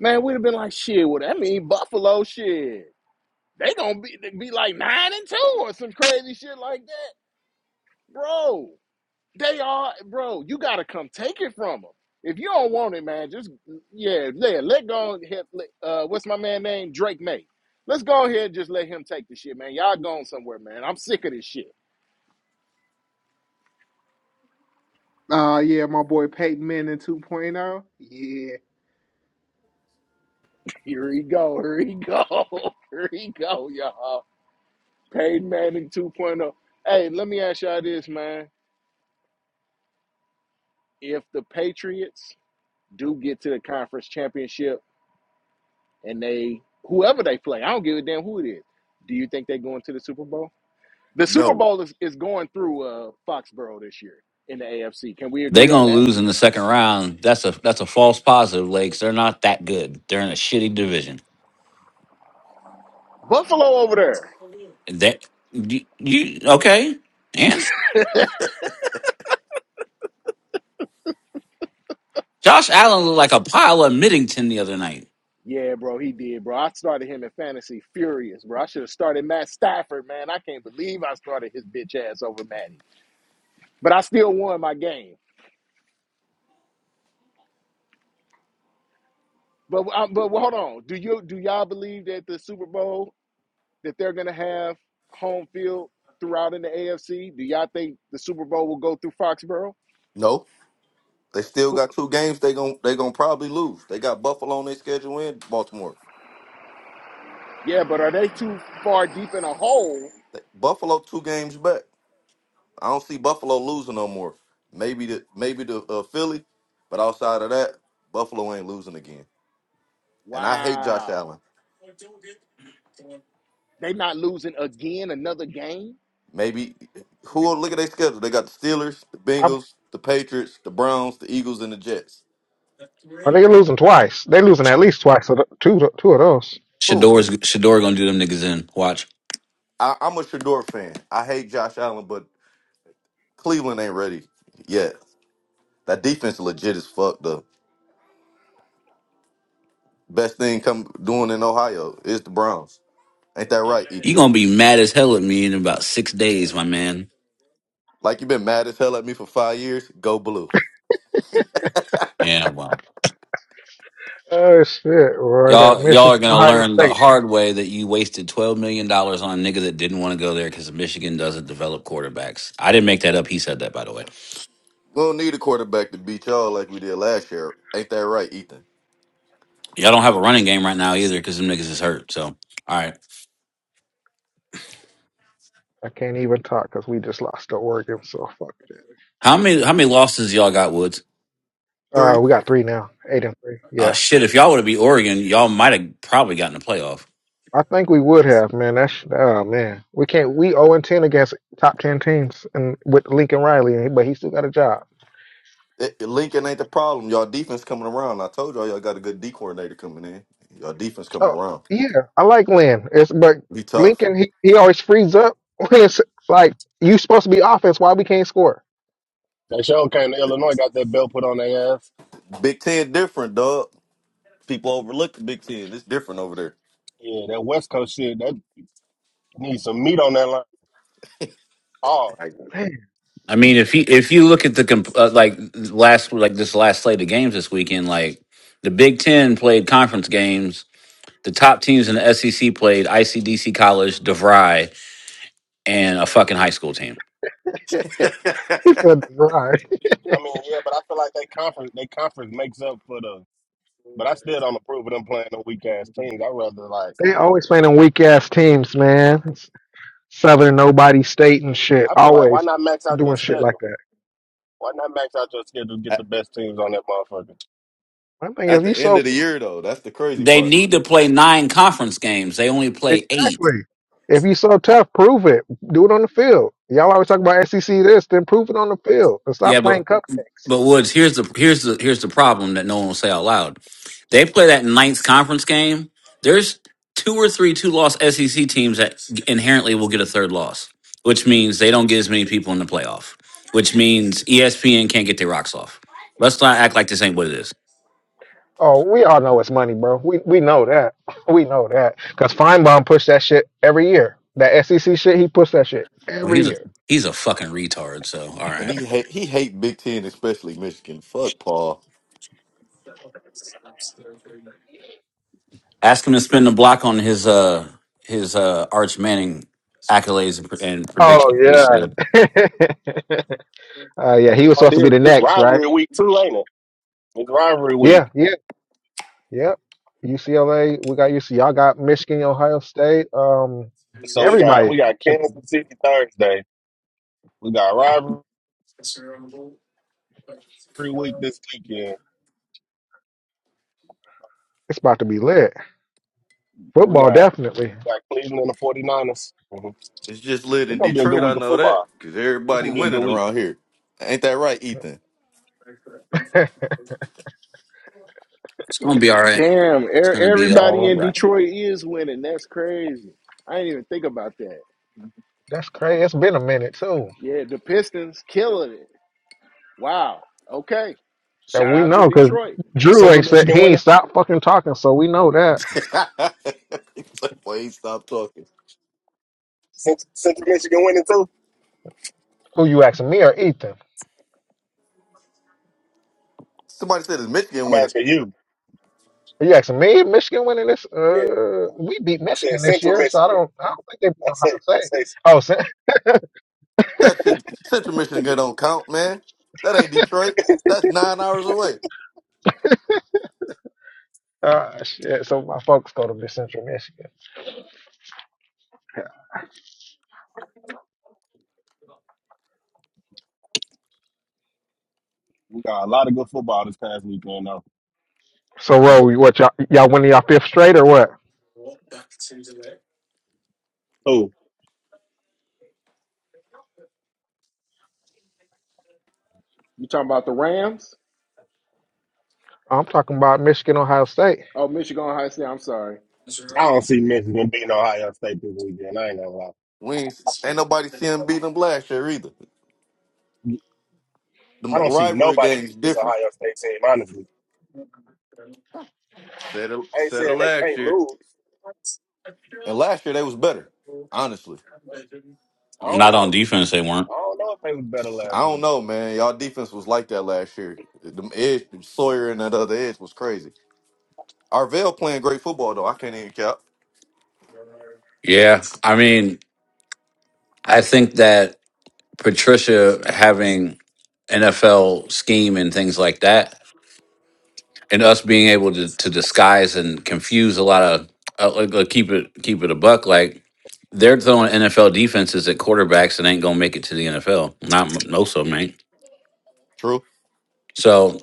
S6: man, we'd have been like, shit. Well, that mean Buffalo, shit. They gonna be be like nine and two or some crazy shit like that, bro. They are, bro. You gotta come take it from them. If you don't want it, man, just yeah, yeah. Let go. And hit, uh, what's my man name? Drake May. Let's go ahead and just let him take the shit, man. Y'all going somewhere, man. I'm sick of this shit.
S3: Uh yeah, my boy Peyton Manning 2.0. point oh,
S6: Here he go. Here he go. Here he go, y'all. Peyton Manning 2.0. Hey, let me ask y'all this, man. If the Patriots do get to the conference championship and they whoever they play, I don't give a damn who it is. Do you think they going to the Super Bowl? The Super
S4: No,
S6: Bowl is, is going through uh, Foxborough this year in the AFC. Can we
S2: they
S6: agree on
S2: gonna
S6: that?
S2: lose in the second round. That's a that's a false positive, Lakes. They're not that good. They're in a shitty division.
S6: Buffalo over
S2: That you, you okay? And
S6: there.
S2: Josh Allen looked like a pile of Middington the other night.
S6: Yeah, bro, he did, bro. I started him in fantasy furious, bro. I should have started Matt Stafford, man. I can't believe I started his bitch ass over Matty, but I still won my game. But um, but hold on, do you do y'all believe that the Super Bowl that they're gonna have home field throughout in the AFC? Do y'all think the Super Bowl will go through Foxborough?
S4: no. They still got two games. They gon' they gonna probably lose. They got Buffalo on their schedule and Baltimore.
S6: Yeah, but are they too far deep in a hole
S4: They- Buffalo two games back. I don't see Buffalo losing no more. Maybe the maybe the uh, Philly, but outside of that, Buffalo ain't losing again. And I hate Josh
S6: Wow.
S4: Allen.
S6: They not losing again another game?
S4: Maybe who look at their schedule? They got the Steelers, the
S5: I,
S4: Bengals, the Patriots, the Browns, the Eagles, and the Jets.
S5: are they losing twice? They losing at least twice. Of the, two two of those.
S4: Who?
S2: Shador's Shador gonna do them niggas in. Watch,
S4: I, I'm a Shador fan. I hate Josh Allen, but Cleveland ain't ready yet. That defense legit as fuck though. Best thing come doing in Ohio is the Browns. Ain't that right,
S2: you
S4: Ethan?
S2: gonna be mad as hell at me in about six days, my man.
S4: Like you been mad as hell at me for five years, go blue.
S2: Yeah, well.
S5: Oh shit, Right at
S2: Y'all, y'all are
S5: Michigan
S2: gonna
S5: Ohio
S2: learn the
S5: State.
S2: hard way that you wasted twelve million dollars on a nigga that didn't want to go there because Michigan doesn't develop quarterbacks. I didn't make that up. He said that, by the way.
S4: We don't need a quarterback to beat y'all like we did last year. Ain't that right, Ethan?
S2: Y'all don't have a running game right now either because them niggas is hurt. So, all right,
S5: I can't even talk because we just lost to Oregon. So fuck that.
S2: how many how many losses y'all got, Woods?
S5: Uh,
S4: Three,
S5: we got three now, eight and three. Yeah.
S2: Uh, shit, if y'all would have beat Oregon, y'all might have probably gotten a playoff.
S5: I think we would have, man. That's oh man, we can't. We zero and ten against top ten teams, and with Lincoln Riley, but he still got a job.
S4: it- Lincoln ain't the problem. Y'all defense coming around. I told y'all y'all got a good D coordinator coming in. Y'all defense coming
S5: Oh
S4: around.
S5: yeah, I like Lynn. It's but
S4: Be tough.
S5: Lincoln, he, he always frees up when it's like you supposed to be offense. Why we can't score?
S1: they sure came to Illinois, got that belt put on their ass.
S4: Big Ten different, dog. People overlook the Big Ten. It's different over
S1: Yeah, that West Coast shit, that needs some meat on that line. Oh.
S5: Like man,
S2: I mean, if you if you look at the comp- uh, like last like this last slate of games this weekend, like the Big Ten played conference games. The top teams in the SEC played ICDC College, DeVry. and a fucking high school team.
S5: it's
S4: there.
S5: a drive.
S1: I mean, yeah, but I feel like they conference they conference makes up for the But I still don't approve of them playing no weak ass teams. I rather like
S5: They always playing on weak ass teams, man. It's Southern nobody state and shit.
S1: I feel like why
S5: Always
S1: not max out your
S5: doing shit like
S1: schedule?
S5: that.
S1: Why not max out your schedule? Get the best teams on that motherfucker.
S5: My thing
S4: At
S5: is, you
S4: the
S5: so
S4: end of the year, though, that's the crazy
S2: They
S4: part.
S2: need to play nine conference games. They only play eight.
S5: Exactly. If you so tough, prove it. Do it on the field. Y'all always talk about SEC this, then prove it on the field. And stop
S2: Yeah, but
S5: playing cupcakes.
S2: but Woods, here's the here's the here's the problem that no one will say out loud. They play that ninth conference game. There's two or three two loss SEC teams that inherently will get a third loss, which means they don't get as many people in the playoff. Which means ESPN can't get their rocks off. Let's not act like this ain't what it is.
S5: Oh, we all know it's money, bro. We we know that. We know that. Because Feinbaum pushed that shit every year. That SEC shit, he pushed that shit
S2: Well,
S5: every
S2: he's a
S5: year.
S2: he's a fucking retard. So all right.
S4: And he hate he hate Big Ten, especially Michigan. Fuck Paul.
S2: Ask him to spin the block on his uh his uh Arch Manning accolades and, and
S5: Oh
S2: predictions. for this year.
S5: yeah. uh, yeah, he was
S1: Oh, it
S5: supposed to be
S1: is,
S5: the
S1: it's
S5: next, right?
S1: rivalry week too, ain't it? It's rivalry
S5: Yeah,
S1: week.
S5: yeah, yeah. UCLA, we got UC. Y'all got Michigan, Ohio State. Um,
S1: So we got
S5: everybody.
S1: we got Kansas City Thursday. We got rivalry week this weekend.
S5: It's about to be lit.
S1: Then we
S5: Football,
S1: got
S5: definitely.
S1: we got Cleveland and the 49ers.
S4: It's just lit
S1: It's
S4: in
S1: gonna be a good
S4: Detroit. I
S1: week of
S4: know that
S1: football.
S4: because
S1: It's
S4: everybody
S1: gonna be a good
S4: winning
S1: week.
S4: around here. Ain't that right, Ethan?
S2: It's gonna be all right.
S6: Damn,
S2: It's
S6: er-
S2: gonna be
S6: everybody
S2: all
S6: in
S2: right.
S6: Detroit is winning. That's crazy. I didn't even think about that.
S5: That's crazy. It's been a minute too
S6: Yeah, the Pistons killing it. Wow. Okay.
S5: that
S6: Shout
S5: we
S6: out to
S5: know because
S6: Detroit.
S5: Drew
S1: Central
S5: ain't said he
S1: Michigan
S5: ain't
S1: winning.
S5: stopped fucking talking, so we know that.
S4: He's like, Boy, he stopped talking.
S1: Cent- Central Michigan winning too.
S5: Who you asking me or Ethan?
S4: Somebody said it's Michigan
S1: I'm
S4: winning.
S1: asking you.
S5: Are you asking me? Michigan winning this?
S1: Yeah,
S5: Uh, we beat
S1: I said
S5: Michigan this
S1: Central
S5: year, so I
S1: Michigan.
S5: don't. I don't think they beat
S1: I say
S5: Ohio
S1: I
S5: State.
S1: say
S5: Oh, so,
S4: That should Central Michigan don't count, man. That ain't Detroit. That's nine hours away.
S5: uh, shit. So my folks go to Central Michigan.
S1: we got a lot of good football this past weekend though.
S5: So,
S1: J-
S5: Ro, you- what y'all y'all winning y'all fifth straight or what?
S1: Oh,
S6: You talking about the Rams?
S5: I'm talking about Michigan, Ohio State.
S6: Oh, Michigan High State. I'm sorry.
S1: I don't see Michigan beating Ohio State this weekend. I ain't gonna lie.
S4: We ain't, ain't nobody see him beating them last year either. The
S1: I don't see
S4: rivalry
S1: nobody
S4: game's
S1: beating this
S4: different.
S1: Ohio State team, honestly.
S4: Said it,
S1: I ain't
S4: said it
S1: saying they
S4: last
S1: can't
S4: year,
S1: lose.
S4: and last year they was better. Honestly.
S1: I don't
S2: Not on
S1: know.
S2: defense, they weren't.
S1: I don't know if they was better
S4: I
S1: last year.
S4: don't know, man. Y'all defense was like that last year. The edge, Sawyer and that other edge was crazy. Arvell playing great football though. I can't even cap.
S2: Yeah, I mean, I think that Patricia having NFL scheme and things like that, and us being able to, to disguise and confuse a lot of uh, like, like, keep it keep it a buck like. They're throwing NFL defenses at quarterbacks and ain't gonna make it to the NFL. Not m- most of them ain't.
S4: True.
S2: So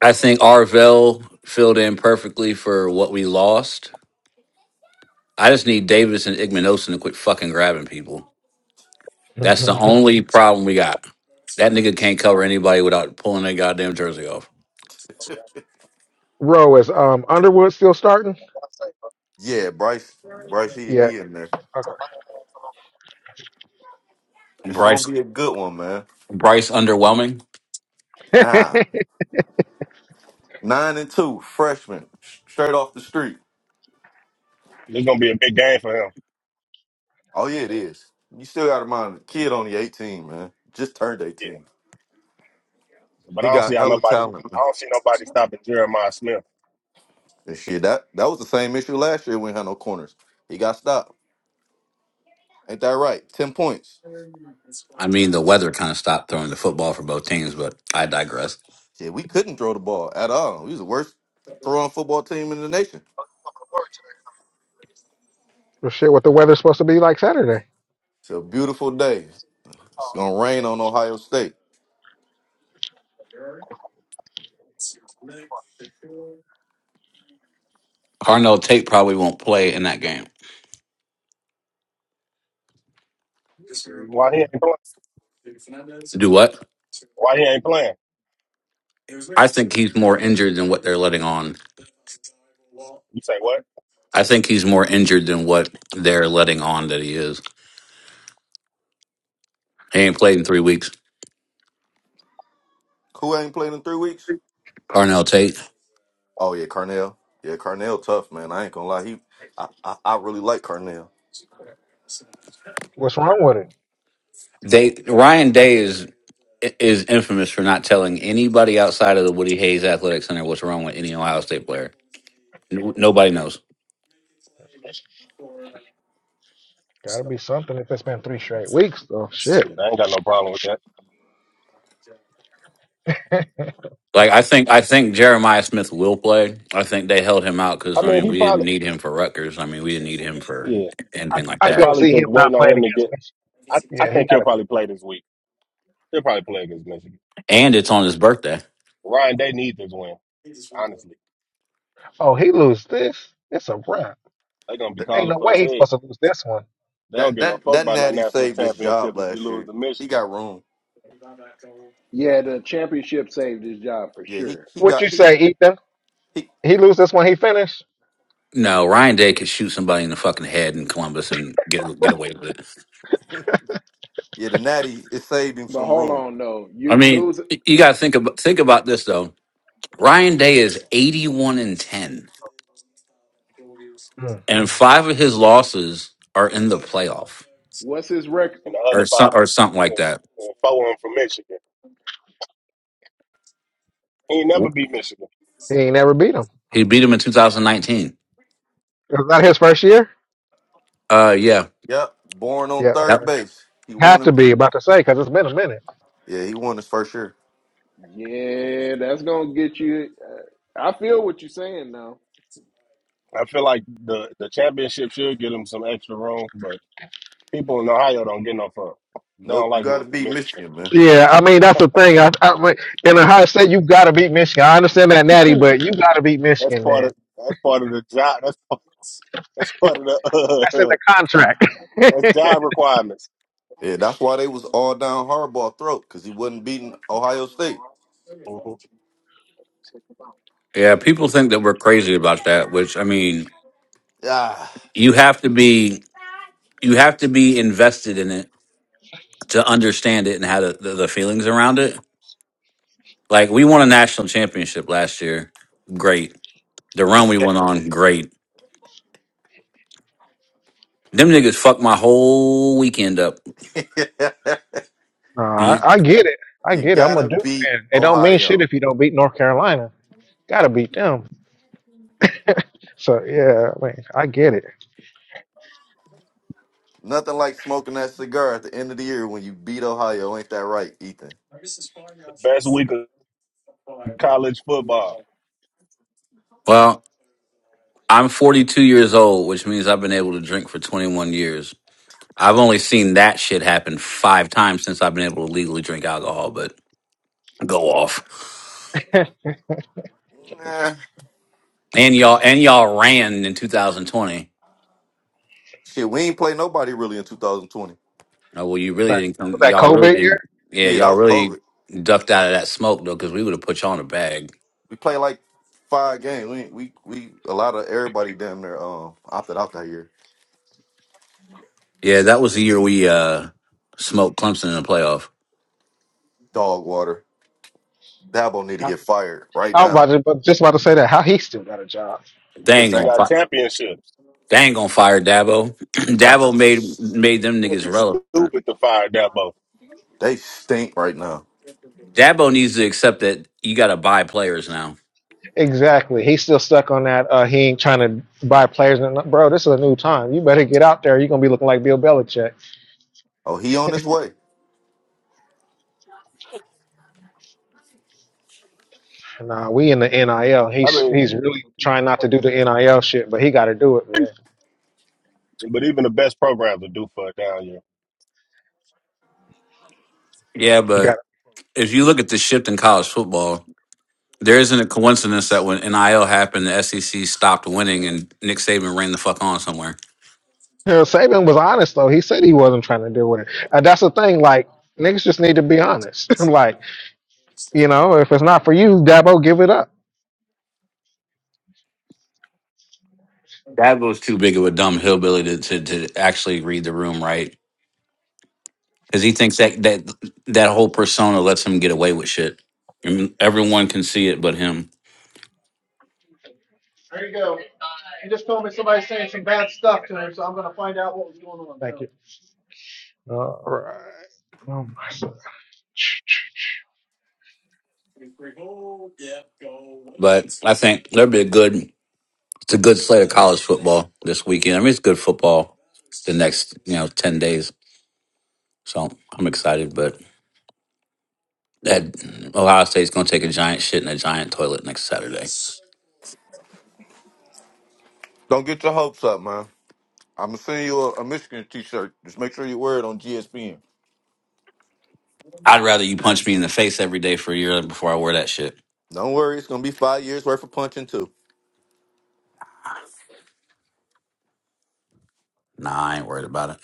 S2: I think Arvell filled in perfectly for what we lost. I just need Davis and Igmanosin to quit fucking grabbing people. That's the only problem we got. That nigga can't cover anybody without pulling that goddamn jersey off.
S5: Row is um Underwood still starting?
S4: Yeah, Bryce. Bryce, he
S5: Yeah.
S4: he in there.
S5: Okay.
S4: It's gonna
S2: Bryce,
S4: be a good one, man.
S2: Bryce, underwhelming.
S4: Ah, nine and two, freshman, sh- straight off the street.
S1: It's gonna be a big game for him.
S4: Oh yeah, it is. You still got to mind the kid only eighteen, man. Just turned
S1: Yeah.
S4: eighteen.
S1: But
S4: He
S1: I don't
S4: got
S1: see how
S4: hella
S1: nobody
S4: talent.
S1: I
S4: man.
S1: don't see nobody stopping Jeremiah Smith.
S4: And shit, that that was the same issue last year. We had no corners. He got stopped. Ain't that right? Ten points.
S2: I mean, the weather kind of stopped throwing the football for both teams, but I digress.
S4: Shit, we couldn't throw the ball at all. We was the worst throwing football team in the nation.
S5: well, shit, what the weather's supposed to be like Saturday?
S4: It's a beautiful day. It's gonna rain on Ohio State.
S2: Carnell Tate probably won't play in that game.
S1: Why he ain't playing?
S2: Do what?
S1: Why he ain't playing?
S2: I think he's more injured than what they're letting on.
S1: You say what?
S2: I think he's more injured than what they're letting on that he is. He ain't played in three weeks.
S4: Who ain't played in three weeks?
S2: Parnell Tate.
S4: Oh yeah, Carnell. Yeah, Carnell tough man. I ain't gonna lie. He, I, I, I really like Carnell.
S5: What's wrong with it?
S2: They Ryan Day is is infamous for not telling anybody outside of the Woody Hayes Athletic Center what's wrong with any Ohio State player. N- Nobody knows.
S5: Got to be something if it's been three straight weeks. Oh shit.
S1: Shit, I ain't got no problem with that.
S5: I,
S2: Like I think I think Jeremiah Smith will play. I think they held him out
S1: I
S2: because I
S1: mean
S2: mean
S1: he
S2: we didn't
S1: probably
S2: need him for Rutgers. I mean we didn't need him for
S1: yeah.
S2: anything like
S5: I
S1: They
S2: that.
S5: couldn't
S1: probably
S5: see
S1: just
S5: him
S1: waiting
S5: not
S1: on
S5: playing
S1: him to
S5: against
S1: get
S5: Michigan.
S1: I, I
S5: Yeah, he
S1: think he'll
S5: got it.
S1: probably play this week. He'll probably play against Michigan.
S2: And it's on his birthday.
S1: Ryan, they need this win, honestly.
S5: Oh, he lose this? It's a wrap.
S1: they gonna be
S4: That,
S5: Ain't
S1: calling
S5: no
S1: for
S5: way
S1: his
S5: he's
S1: head.
S5: supposed to lose this one.
S1: They don't
S4: that
S1: give no
S4: that
S1: fuck
S4: that
S1: about no
S4: Natty
S1: national
S4: saved his job
S1: championship if you
S4: last
S1: lose
S4: year.
S1: to
S4: He
S1: Michigan.
S4: got room.
S6: Yeah, the championship saved his job for
S4: Yeah, he
S6: sure.
S4: he
S5: What
S4: got
S5: you
S4: he
S5: say, Ethan?
S4: he.
S5: He lose this one? He finished.
S2: No, Ryan Day could shoot somebody in the fucking head in Columbus and get get away with it.
S4: Yeah, the Natty it saved him
S6: But
S4: some
S6: hold
S4: room.
S6: on, though.
S2: I
S6: You
S2: mean,
S6: lose.
S2: you got to think about think about this though. Ryan Day is 81 and 10,
S5: Hmm.
S2: and five of his losses are in the playoff
S6: What's his record?
S1: And the other
S2: or some,
S1: five,
S2: or something like
S1: from-
S2: that.
S1: and four of them from Michigan. He ain't never beat Michigan.
S5: He ain't never beat him.
S2: He beat him in 2019.
S5: Is that his first year?
S2: Uh, yeah,
S4: Yep. Born on
S5: Yeah,
S4: third
S2: yep,
S4: base. He won
S5: had to
S4: him.
S5: be about to say because it's been a minute.
S4: Yeah, he won his first year.
S6: Yeah, that's gonna get you. I feel what you're saying now.
S1: I feel like the, the championship should get him some extra room, but people in Ohio don't get no fuck. They don't
S4: Nope. You
S1: like
S4: got to
S1: losing to
S4: beat
S1: Michigan.
S4: Michigan, man.
S5: Yeah, I mean that's the thing. I, I mean, in Ohio State, you got to beat Michigan. I understand that, Natty, but you got to beat
S1: That's
S5: Michigan,
S1: part
S5: man.
S1: of that's part of the job. That's part- that's part of
S5: That's in the
S1: the
S5: contract.
S1: that's job requirements.
S4: Yeah, that's why they was all down Harbaugh throat because he wasn't beating Ohio State.
S1: Mhm.
S2: yeah. People think that we're crazy about that, which I mean,
S4: Ah,
S2: you have to be you have to be invested in it to understand it and how to, the, the feelings around it. Like we won a national championship last year, great. The run we went on, great. Them niggas fucked my whole weekend up.
S4: you
S5: no, I,
S2: The-
S5: I get it. I get it. I'm a
S4: gotta
S5: Duke
S4: beat
S5: fan. It don't mean shit
S4: Ohio.
S5: if you don't beat North Carolina. Got to beat them. So yeah, I mean, I get it.
S4: Nothing like smoking that cigar at the end of the year when you beat Ohio. Ain't that right, Ethan?
S1: Best week of college football
S2: Well, I'm 42 years old, which means I've been able to drink for 21 years. I've only seen that shit happen five times since I've been able to legally drink alcohol, but go off.
S4: Nah,
S2: And y'all and y'all ran in 2020.
S4: shit, we ain't play nobody really in 2020.
S2: Oh, well, you really
S5: like
S2: didn't
S5: was
S2: come.
S5: that
S2: Y'all really
S5: COVID year?
S2: didn't. Yeah,
S4: Yeah, that
S2: y'all
S4: was
S2: really
S4: COVID.
S2: ducked out of that smoke though, because we would have put y'all in a bag.
S4: We played like five games. We we we a lot of everybody damn near um opted out that year.
S2: Yeah, that was the year we uh smoked Clemson in the playoff.
S4: Dog water. Dabo need to
S5: How-
S4: get fired right
S5: I was about
S4: now.
S5: to, but just about to say that. How he still got a job?
S2: They
S1: because
S2: ain't
S1: he
S4: Stink.
S1: got
S2: gonna.
S1: championships.
S2: They ain't gonna fire Dabo. Dabo
S4: Dabo,
S2: made made them
S1: It would be
S2: niggas relevant.
S1: stupid to fire Dabo.
S4: They stink right now.
S2: Dabo needs to accept that you got to buy players now.
S5: Exactly. He's still stuck on that. Uh, he ain't trying to buy players. And bro, this is a new time. You better get out there. You're gonna be looking like Bill Belichick.
S4: Oh, he on his way.
S5: Nah, we in the NIL.
S1: I
S5: He's
S1: mean,
S5: he's really trying not to do the NIL shit, but he got to do it, man.
S1: but even the best programs will do for a down year.
S2: Yeah,
S5: He
S2: but
S5: got.
S2: if you look at the shift in college football, there isn't a coincidence that when NIL happened, the SEC stopped winning and Nick Saban ran the fuck on somewhere.
S5: You Saban was honest though. He said he wasn't trying to deal with it. And that's the thing. Like niggas just need to be honest. like you know, if it's not for you, Dabo, give it up.
S2: Dabo's too big of a dumb hillbilly to, to, to actually read the room right because he thinks that, that that whole persona lets him get away with shit. I mean, everyone can see it but him.
S5: Thank you. All right. Oh my.
S2: But I think there'll be a good, it's a good slate of college football this weekend. I mean, it's good football the next, you know, 10 days. So I'm excited, but that Ohio State's going to take a giant shit in a giant toilet next Saturday.
S4: Don't get your hopes up, man. I'm gonna send you a, a Michigan T-shirt. Just make sure you wear it on GSPN.
S2: I'd rather you punch me in the face every day for a year before I wear that shit.
S4: Don't worry, it's gonna be five years worth of punching too.
S2: Nah, I ain't worried about it.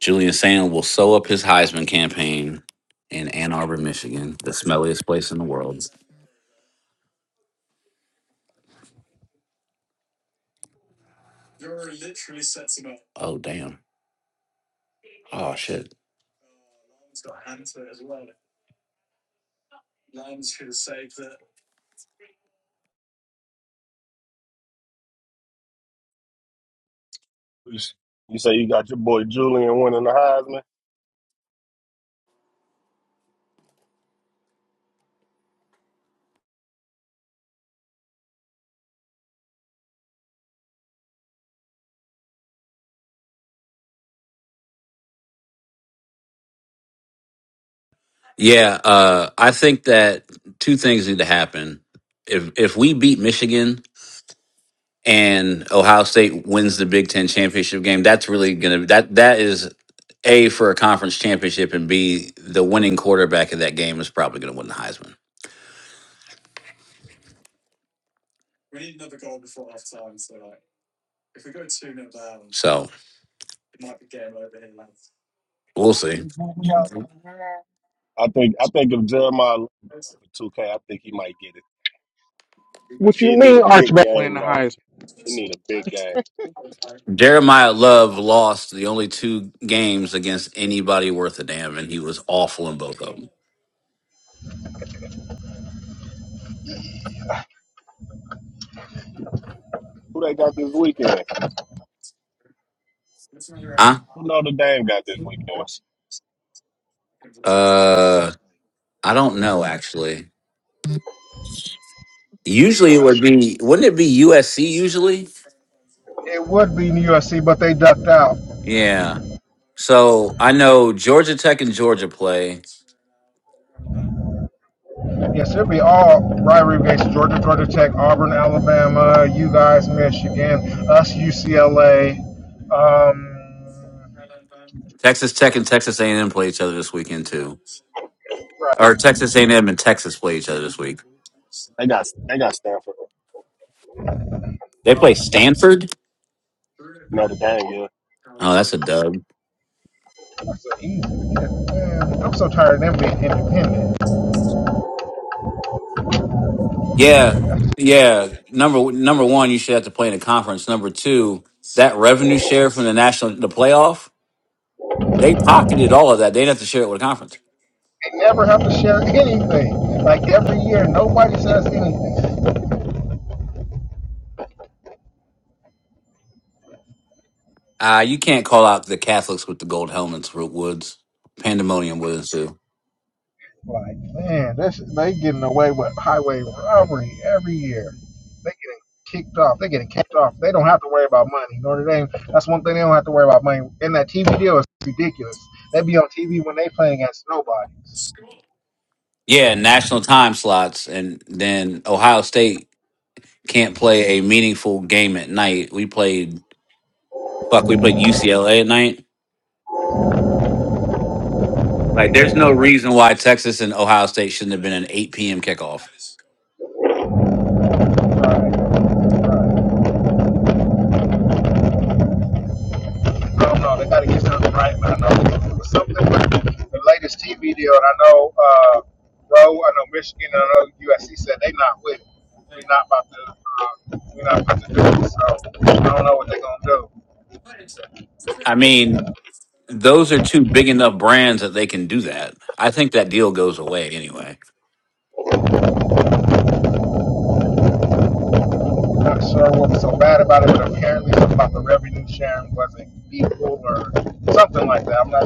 S2: Julian Sand will sew up his Heisman campaign in Ann Arbor, Michigan, the smelliest place in the world. Oh, damn. Oh, shit.
S1: You say you got your boy Julian winning the Heisman.
S2: Yeah, uh, I think that two things need to happen. If if we beat Michigan and Ohio State wins the Big Ten championship game, that's really gonna that that is a for a conference championship, and B the winning quarterback of that game is probably gonna win the Heisman. So we'll see.
S1: I think I think if Jeremiah Lin for two K, I think he might get it.
S5: What you
S1: He need a
S5: mean, Arch?
S1: big game though. He need a big game.
S2: Jeremiah Love lost the only two games against anybody worth a damn, and he was awful in both of them.
S1: Who they got this weekend?
S2: Huh?
S1: Who Notre Dame got this weekend?
S2: Uh, I don't know actually. Usually it would be, wouldn't it be USC usually? Yeah. So I know Georgia Tech and Georgia play.
S5: Yes, it'll be all rivalry games: Georgia, Georgia Tech, Auburn, Alabama, you guys, Michigan, us, UCLA. Um,
S2: Texas Tech and Texas A&M play each other this weekend too. Or Texas A&M and M and Texas play each other this week.
S1: They got they got Stanford.
S2: They play Stanford.
S1: Notre Dame, yeah.
S2: Oh, that's a dub.
S5: that's so easy. Man, I'm so tired of them being independent.
S2: Yeah, yeah. Number number one, you should have to play in a conference. Number two, that revenue share from the national the playoff, they pocketed all of that. They didn't have to share it with a conference.
S5: They never have to share anything. Like every year, nobody says anything.
S2: Uh, you can't call out the Catholics with the gold helmets, Root Woods. Pandemonium would ensue.
S5: Like, man, this is, they getting away with highway robbery every year. They getting kicked off. They getting kicked off. They don't have to worry about money. Notre Dame. That's one thing they don't have to worry about money. And that TV deal is ridiculous. They be on TV when they playing against nobody. So
S2: Yeah, national time slots, and then Ohio State can't play a meaningful game at night. We played fuck. We played UCLA at night. Like, there's no reason why Texas and Ohio State shouldn't have been an 8 p.m. kickoff.
S5: I know, uh, Roe. I know Michigan. I know USC said they not with. It. We not about to. Uh, we not about to do it. So I don't know what they are gonna do.
S2: I mean, those are two big enough brands that they can do that. I think that deal goes away anyway.
S5: not sure what's so bad about it, but apparently something about the revenue sharing wasn't equal or something like that. I'm not,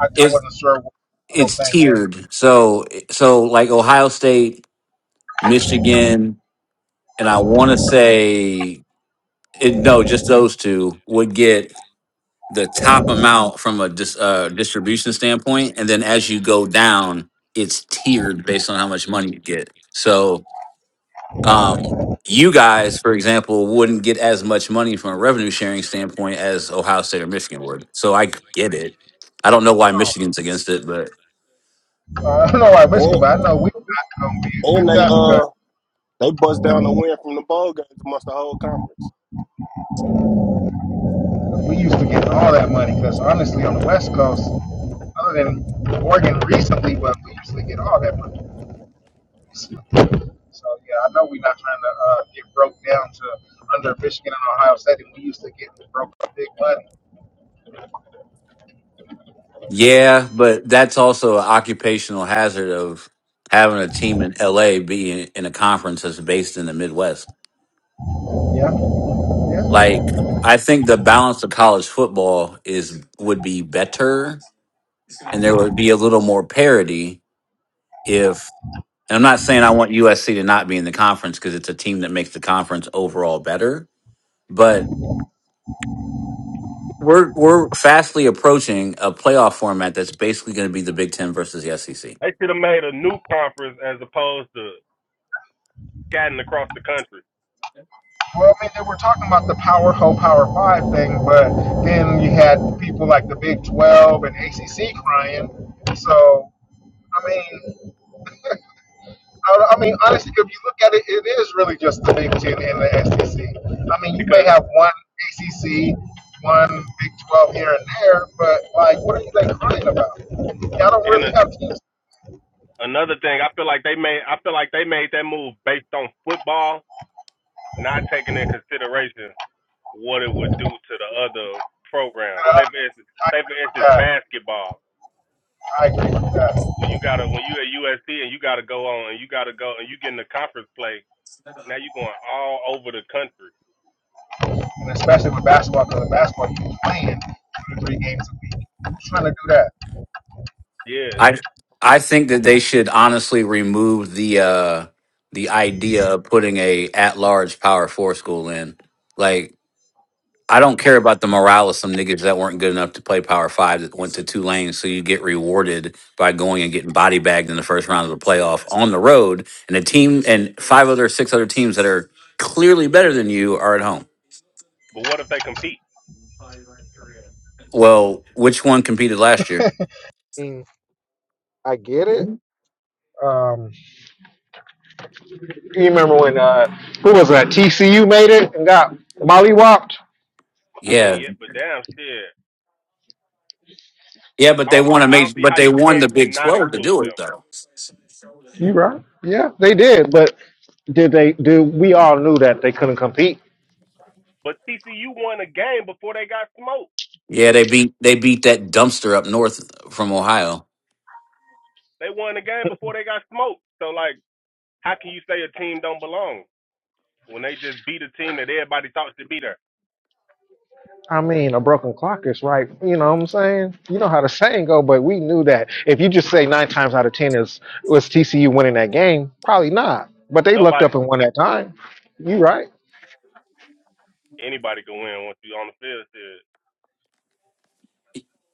S5: I, I
S2: It's
S5: wasn't sure what the whole
S2: it's
S5: thing was.
S2: tiered. So so like Ohio State, Michigan, and I want to say it, no, just those two would get the top amount from a dis, uh,
S1: And
S2: distribution standpoint, and then as you go down, it's tiered based on how much money you get. So um, you guys, for example, wouldn't get as much money from a revenue sharing standpoint as Ohio State or Michigan would. So I get it. I don't know why Michigan's against it,
S5: Uh, I don't know why Michigan, but I know we're not going to be like
S1: and they
S5: that
S1: uh they bust down the win from the bowl games amongst the whole conference.
S5: because we used to get all that money. Because honestly, on the West Coast, other than Oregon recently, but we usually get all that money. So yeah, I know we're not trying to uh, get broke down to under Michigan and Ohio State, and we used to get broke up big money.
S2: Yeah, but that's also an occupational hazard of having a team in LA being in a conference that's based in the Midwest.
S5: Yeah, yeah.
S2: Like, I think the balance of college football is would be better, and there would be a little more parity if. And I'm not saying I want USC to not be in the conference because it's a team that makes the conference overall better, but we're we're fastly approaching a playoff format that's basically going to be the Big Ten versus the SEC.
S1: They should have made a new conference as opposed to scatting across the country.
S5: Well, I mean, they were talking about the Power Ho Power Five thing, but then you had people like the Big Twelve and ACC crying. So, I mean, I, I mean, honestly, if you look at it, it is really just the Big Ten and the SEC. I mean, you may
S1: Because
S5: have one ACC, one Big Twelve here and there, but like, what are you like crying about? Y'all don't
S1: in a,
S5: really have teams.
S1: another thing, I feel like they made I feel like they made that move based on football, not taking in consideration what it would do to the other programs.
S5: And
S1: Say for instance, say for instance
S5: I, agree with that.
S1: basketball.
S5: I agree with that,
S1: when you gotta when you at USC and you gotta go on and you gotta go and you get in the conference play, now you going all over the country.
S5: and especially with basketball, because the basketball you playing two to three games a week. Who's trying to do that?
S1: Yeah.
S2: I I think that they should honestly remove the uh the idea of putting a at large power four school in. Like I don't care about the morale of some niggas that weren't good enough to play power five that went to Tulane, so you get rewarded by going and getting body bagged in the first round of the playoff on the road, and a team and five other six other teams that are clearly better than you are at home.
S1: But what if they compete?
S2: Well, which one competed last year?
S5: I get it. Um, you remember when uh, who was that? TCU made it and got mollywopped.
S1: I mean,
S2: Yeah,
S1: yeah, but damn shit.
S2: yeah, but
S1: I
S2: they
S1: don't see
S2: won a
S1: I don't
S2: major,
S1: see
S2: but
S1: how
S2: they
S1: you
S2: won the
S1: can't
S2: Big
S1: not
S2: Twelve to
S1: include
S2: do it
S1: them.
S2: though.
S5: You right? Yeah, they did. But did they? Do we all knew that they couldn't compete?
S1: But TCU won a game before they got smoked.
S2: Yeah, they beat they beat that dumpster up north from Ohio.
S1: They won a game before they got smoked. So like how can you say a team don't belong when they just beat a team that everybody thought should be there?
S5: I mean, a broken clock is right. You know what I'm saying? You know how the saying go, but we knew that. If you just say nine times out of ten is was TCU winning that game, probably not. But they looked
S1: Nobody
S5: up and won that time. You right?
S1: anybody can win once you on the field. Shit.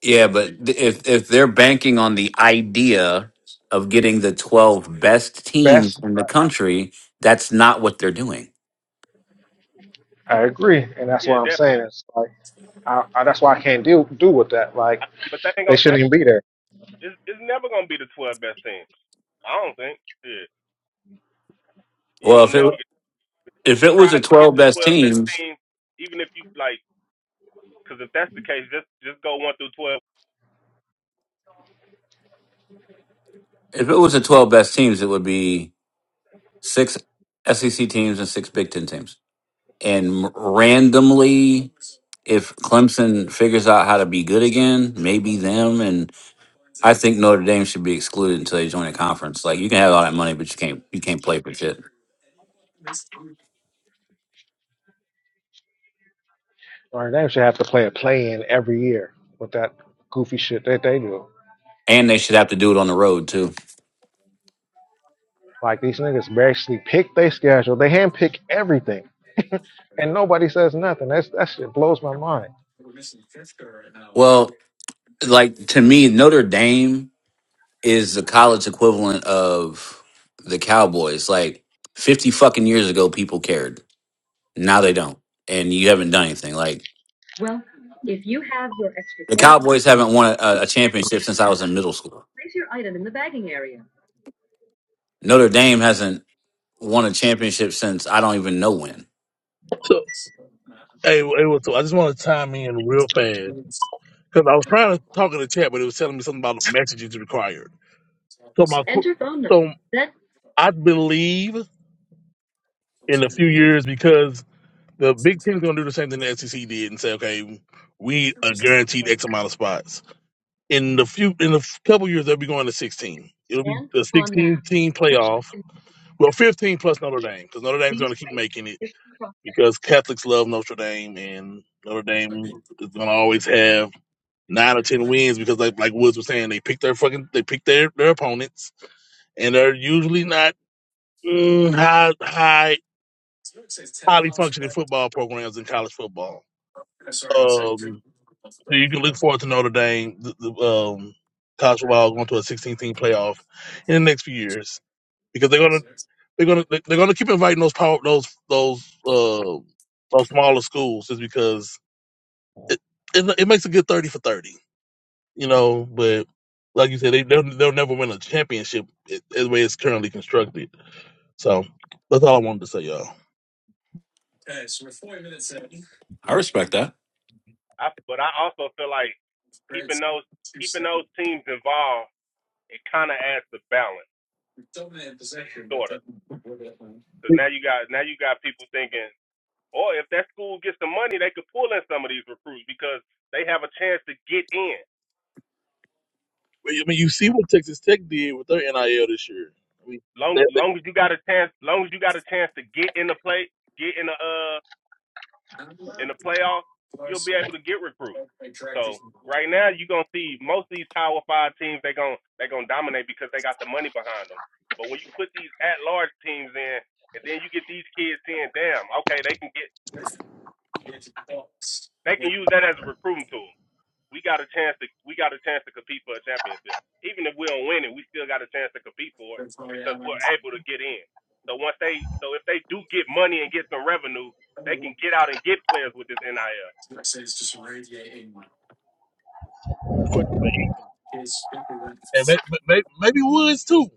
S2: Yeah, but th- if if they're banking on the idea of getting the 12 best teams
S5: Best.
S2: in the country, that's not what they're doing.
S5: I agree, and that's
S1: Yeah,
S5: what I'm saying.
S1: definitely.
S5: It's like I, I, that's why I can't deal do with that. Like
S1: But that ain't
S5: they
S1: gonna that
S5: shouldn't even be there.
S1: It's, it's never gonna be the twelve best teams. I don't think. Yeah, you ain't
S2: Well, if
S1: gonna never
S2: it
S1: get,
S2: if it
S1: try
S2: was the
S1: to get
S2: 12
S1: the
S2: best
S1: twelve best
S2: teams,
S1: teams, even if you like. Because if that's the case, just just go one through twelve.
S2: if it was the 12 best teams, it would be six SEC teams and six Big 10 teams. And randomly if Clemson figures out how to be good again, maybe them and I think Notre Dame should be excluded until they join a conference. Like you can have all that money, but you can't you can't play for shit.
S5: Or they should have to play a play in every year with that goofy shit that they do.
S2: And they should have to do it on the road too.
S5: Like these niggas basically pick their schedule. They handpick everything. and nobody says nothing. That's that shit blows my mind.
S2: Well, like to me, Notre Dame is the college equivalent of the Cowboys. Like fifty fucking years ago, people cared. Now they don't, and you haven't done anything. Like the Cowboys haven't won a, a championship since I was in middle school. Notre Dame hasn't. won a championship since I don't even know when.
S7: So, hey, hey, what's up? I just want to chime in real fast because I was trying to talk in the chat, but it was telling me something about messages required. So my, qu- so I believe in a few years because the Big Ten is going to do the same thing the SEC did and say, okay, we are guaranteed X amount of spots. In the few, in a couple years, they'll be going to sixteen. It'll be the sixteen team playoff. Well, fifteen plus Notre Dame because Notre Dame's going to keep making it because Catholics love Notre Dame and Notre Dame is going to always have nine or ten wins because like like Woods was saying, they pick their fucking they pick their their opponents and they're usually not mm, high high highly functioning football programs in college football. Um, so you can look forward to Notre Dame, the, the, um, college football going to a 16 team playoff in the next few years because they're gonna they're gonna they're gonna keep inviting those power those those uh those smaller schools just because it it, it makes a good 30 for 30. you know. But like you said, they they'll, they'll never win a championship i- the way it's currently constructed. So that's all I wanted to say, y'all.
S2: I respect that.
S1: I, but I also feel like keeping those keeping those teams involved it kind of adds the balance, sort of. Because now you got now you got people thinking, or if that school gets the money, they could pull in some of these recruits because they have a chance to get in.
S7: But, I mean, you see what Texas Tech did with their NIL this year. I mean,
S1: Long
S7: that, that
S1: long as you got a chance, long as you got a chance to get in the play, get in the uh in the playoffs, you'll be able to get recruits. So right now, you're gonna see most of these Power Five teams. They're gonna they're gonna dominate because they got the money behind them. But when you put these at large teams in, and then you get these kids saying, "Damn, okay, they can get they can use that as a recruiting tool. We got a chance to we got a chance to compete for a championship. Even if we don't win it, we still got a chance to compete for it because we're able to get in. So once they so if they do get money and get some revenue, they can get out and get players with this NIL.
S7: the question for you, and may- may- maybe Woods too.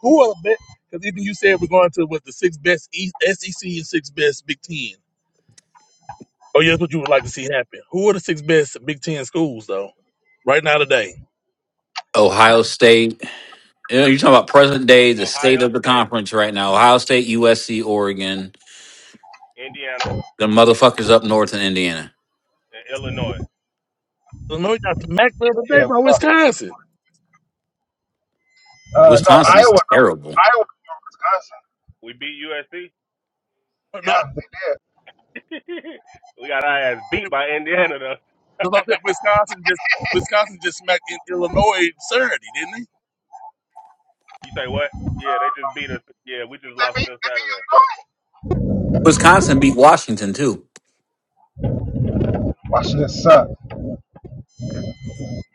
S7: Who are the best? Because even you said we're going to what the six best East, SEC and six best Big Ten. Oh yeah, that's what you would like to see happen. Who are the six best Big Ten schools though? Right now today,
S2: Ohio State. You know, you're talking about present day, the state
S1: Ohio
S2: of the
S1: State,
S2: conference right now. Ohio State, USC, Oregon.
S1: Indiana,
S2: The motherfuckers up north in Indiana.
S1: and Illinois.
S7: Illinois got smacked the other day
S5: Yeah, we
S7: by
S5: lost.
S7: Wisconsin.
S5: Uh, no,
S2: Wisconsin's
S5: Iowa. No,
S2: terrible.
S5: Iowa beat Wisconsin.
S1: We beat USC.
S5: Yeah,
S7: No,
S5: they did.
S1: we got our ass beat by Indiana though.
S7: Because I said Wisconsin just Wisconsin just smacked in Illinois Saturday, didn't they?
S1: You say what? Yeah, they just beat us. Yeah, we just lost
S5: They
S1: to
S5: beat,
S1: them
S5: they
S1: Saturday.
S5: beat Illinois.
S2: Wisconsin beat Washington too.
S5: Washington sucked.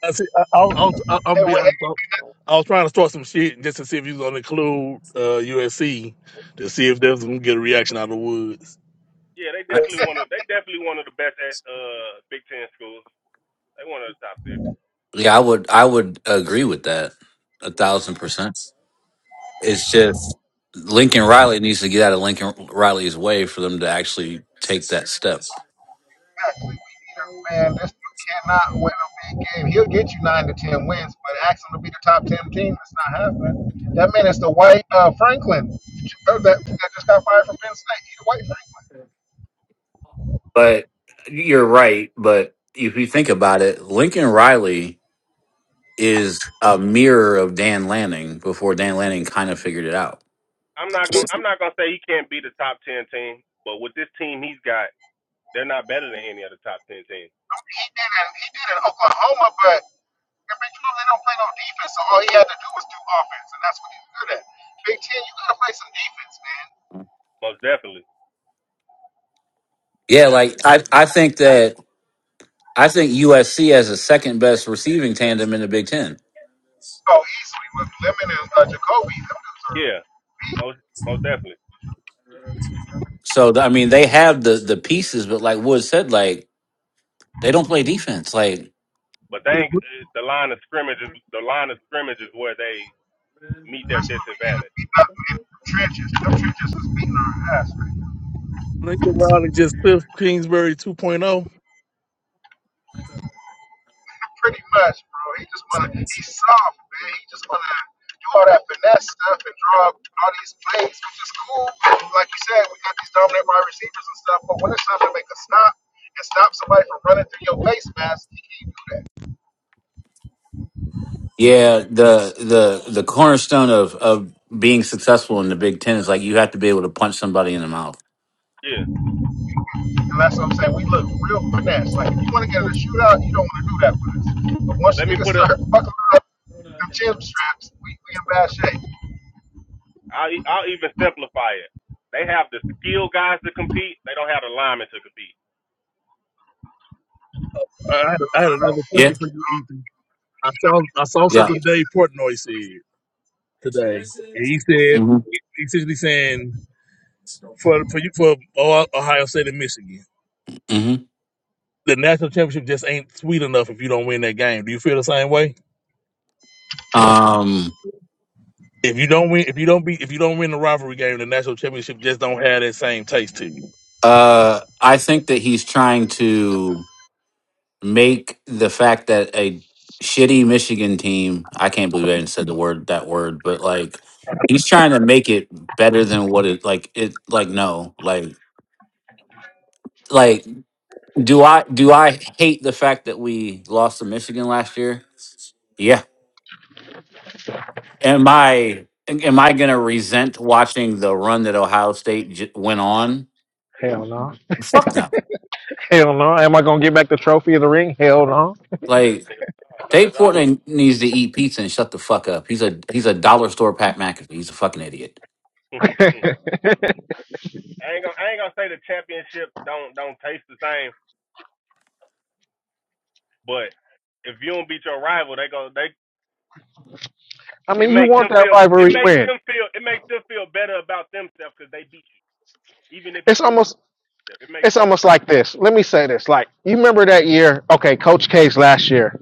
S7: I see. I, I'll, I'll, I'll, I'll
S5: They
S7: be
S5: went
S7: honest. I'll, I was trying to start some shit just to see if you was gonna include uh, USC to see if they was gonna get a reaction out of the woods.
S1: Yeah, they
S2: I,
S7: Yeah.
S1: definitely one of they definitely one of the best eh, uh Big Ten schools. They one of the top six.
S2: yeah, I would I would agree with that a thousand percent. It's just Lincoln Riley needs to get out of Lincoln Riley's way for them to actually take that step.
S5: exactly. Man, this dude cannot win a big game. He'll get you nine to ten wins, but ask him to be the top ten team. It's not happening. That man is the white uh, Franklin uh, that, that just got fired from Penn State. He's the white Franklin.
S2: But you're right. But if you think about it, Lincoln Riley is a mirror of Dan Lanning before Dan Lanning kind of figured it out.
S1: I'm not gonna I'm not gonna say he can't be the top ten team, but with this team he's got, they're not better than any of the top ten teams.
S5: He did it. he did it in Oklahoma, but in Big Twelve they don't play no defense, so all he had to do was do offense, and that's what he's good at. Big Ten, you gotta play some defense, man.
S1: Most definitely.
S2: Yeah, like
S1: Definitely.
S2: I, I think that I think USC has the second best receiving tandem in the Big Ten.
S5: Oh, easily with Lemon and uh, Jacoby. Them dudes-
S1: Yeah, most most definitely.
S2: So I mean, they have the the pieces, but like Wood said, like they don't play defense. Like
S1: But
S7: If
S1: they ain't, eh, the line of scrimmage is the line of scrimmage is where they meet their
S5: That's what we end to
S1: disadvantage
S5: beat up in the trenches. Them trenches is beating our ass right now.
S7: Lincoln Riley just Cliff Kingsbury 2.0.
S5: Pretty much, bro. He just wanna he's soft, man. He just wanna do all that finesse stuff and draw up all these plays, which is cool. Like you said, we got these dominant wide receivers and stuff, but when it's time to make a stop and stop somebody from running through your face mask, he can't do that.
S2: yeah, the the the cornerstone of of being successful in the Big Ten is like you have to be able to punch somebody in the mouth.
S1: Yeah.
S5: And that's what I'm saying. We look real finesse. Like if you wanna get in
S1: Put-
S5: a shootout, you don't wanna do that with us. But once
S1: Let me
S5: niggas
S1: put a.
S5: start buckling up them chin straps, we, we in bad shape.
S1: I'll, e- I'll even simplify it. They have the skilled guys to compete. They don't have the linemen to compete.
S7: I had, I had another
S2: Yeah,
S7: question for you, Ethan. I saw I saw
S2: yeah,
S7: something Dave Portnoy said today, and he said
S2: hmm
S7: he essentially saying for for you for Ohio State and Michigan. the national championship just ain't sweet enough if you don't win that game. Do you feel the same way?
S2: Um,
S7: If you don't win, if you don't be, if you don't win the rivalry game, the national championship just don't have that same taste to you.
S2: uh, I think that he's trying to make the fact that a shitty Michigan team, I can't believe I even said the word, that word, but like, he's trying to make it better than what it, like, it, like, no, like, like, do I, do I hate the fact that we lost to Michigan last year? Yeah. Am I, am I going to resent watching the run that Ohio State j- went on?
S5: Hell no.
S2: Fuck no.
S5: Hell no. Am I gonna get back the trophy of the ring? Hell no.
S2: Like,
S1: Yeah, no, not
S2: Dave
S1: at all.
S2: Portnoy needs to eat pizza and shut the fuck up. He's a he's a dollar store Pat McAfee. He's a fucking idiot.
S1: I ain't gonna. I ain't gonna say the championship don't don't taste the same, but if you don't beat your rival, they go. They
S5: I
S1: it
S5: mean, you
S1: makes
S5: want
S1: them
S5: that
S1: feel. It
S5: rivalry
S1: makes
S5: win.
S1: them feel. It makes them feel better about themselves because they beat you. Even if you
S5: It's
S1: do, what
S5: almost
S1: it makes
S5: it's
S1: them.
S5: almost like this. Let me say this. Like, you remember that year, okay, Coach K's last year,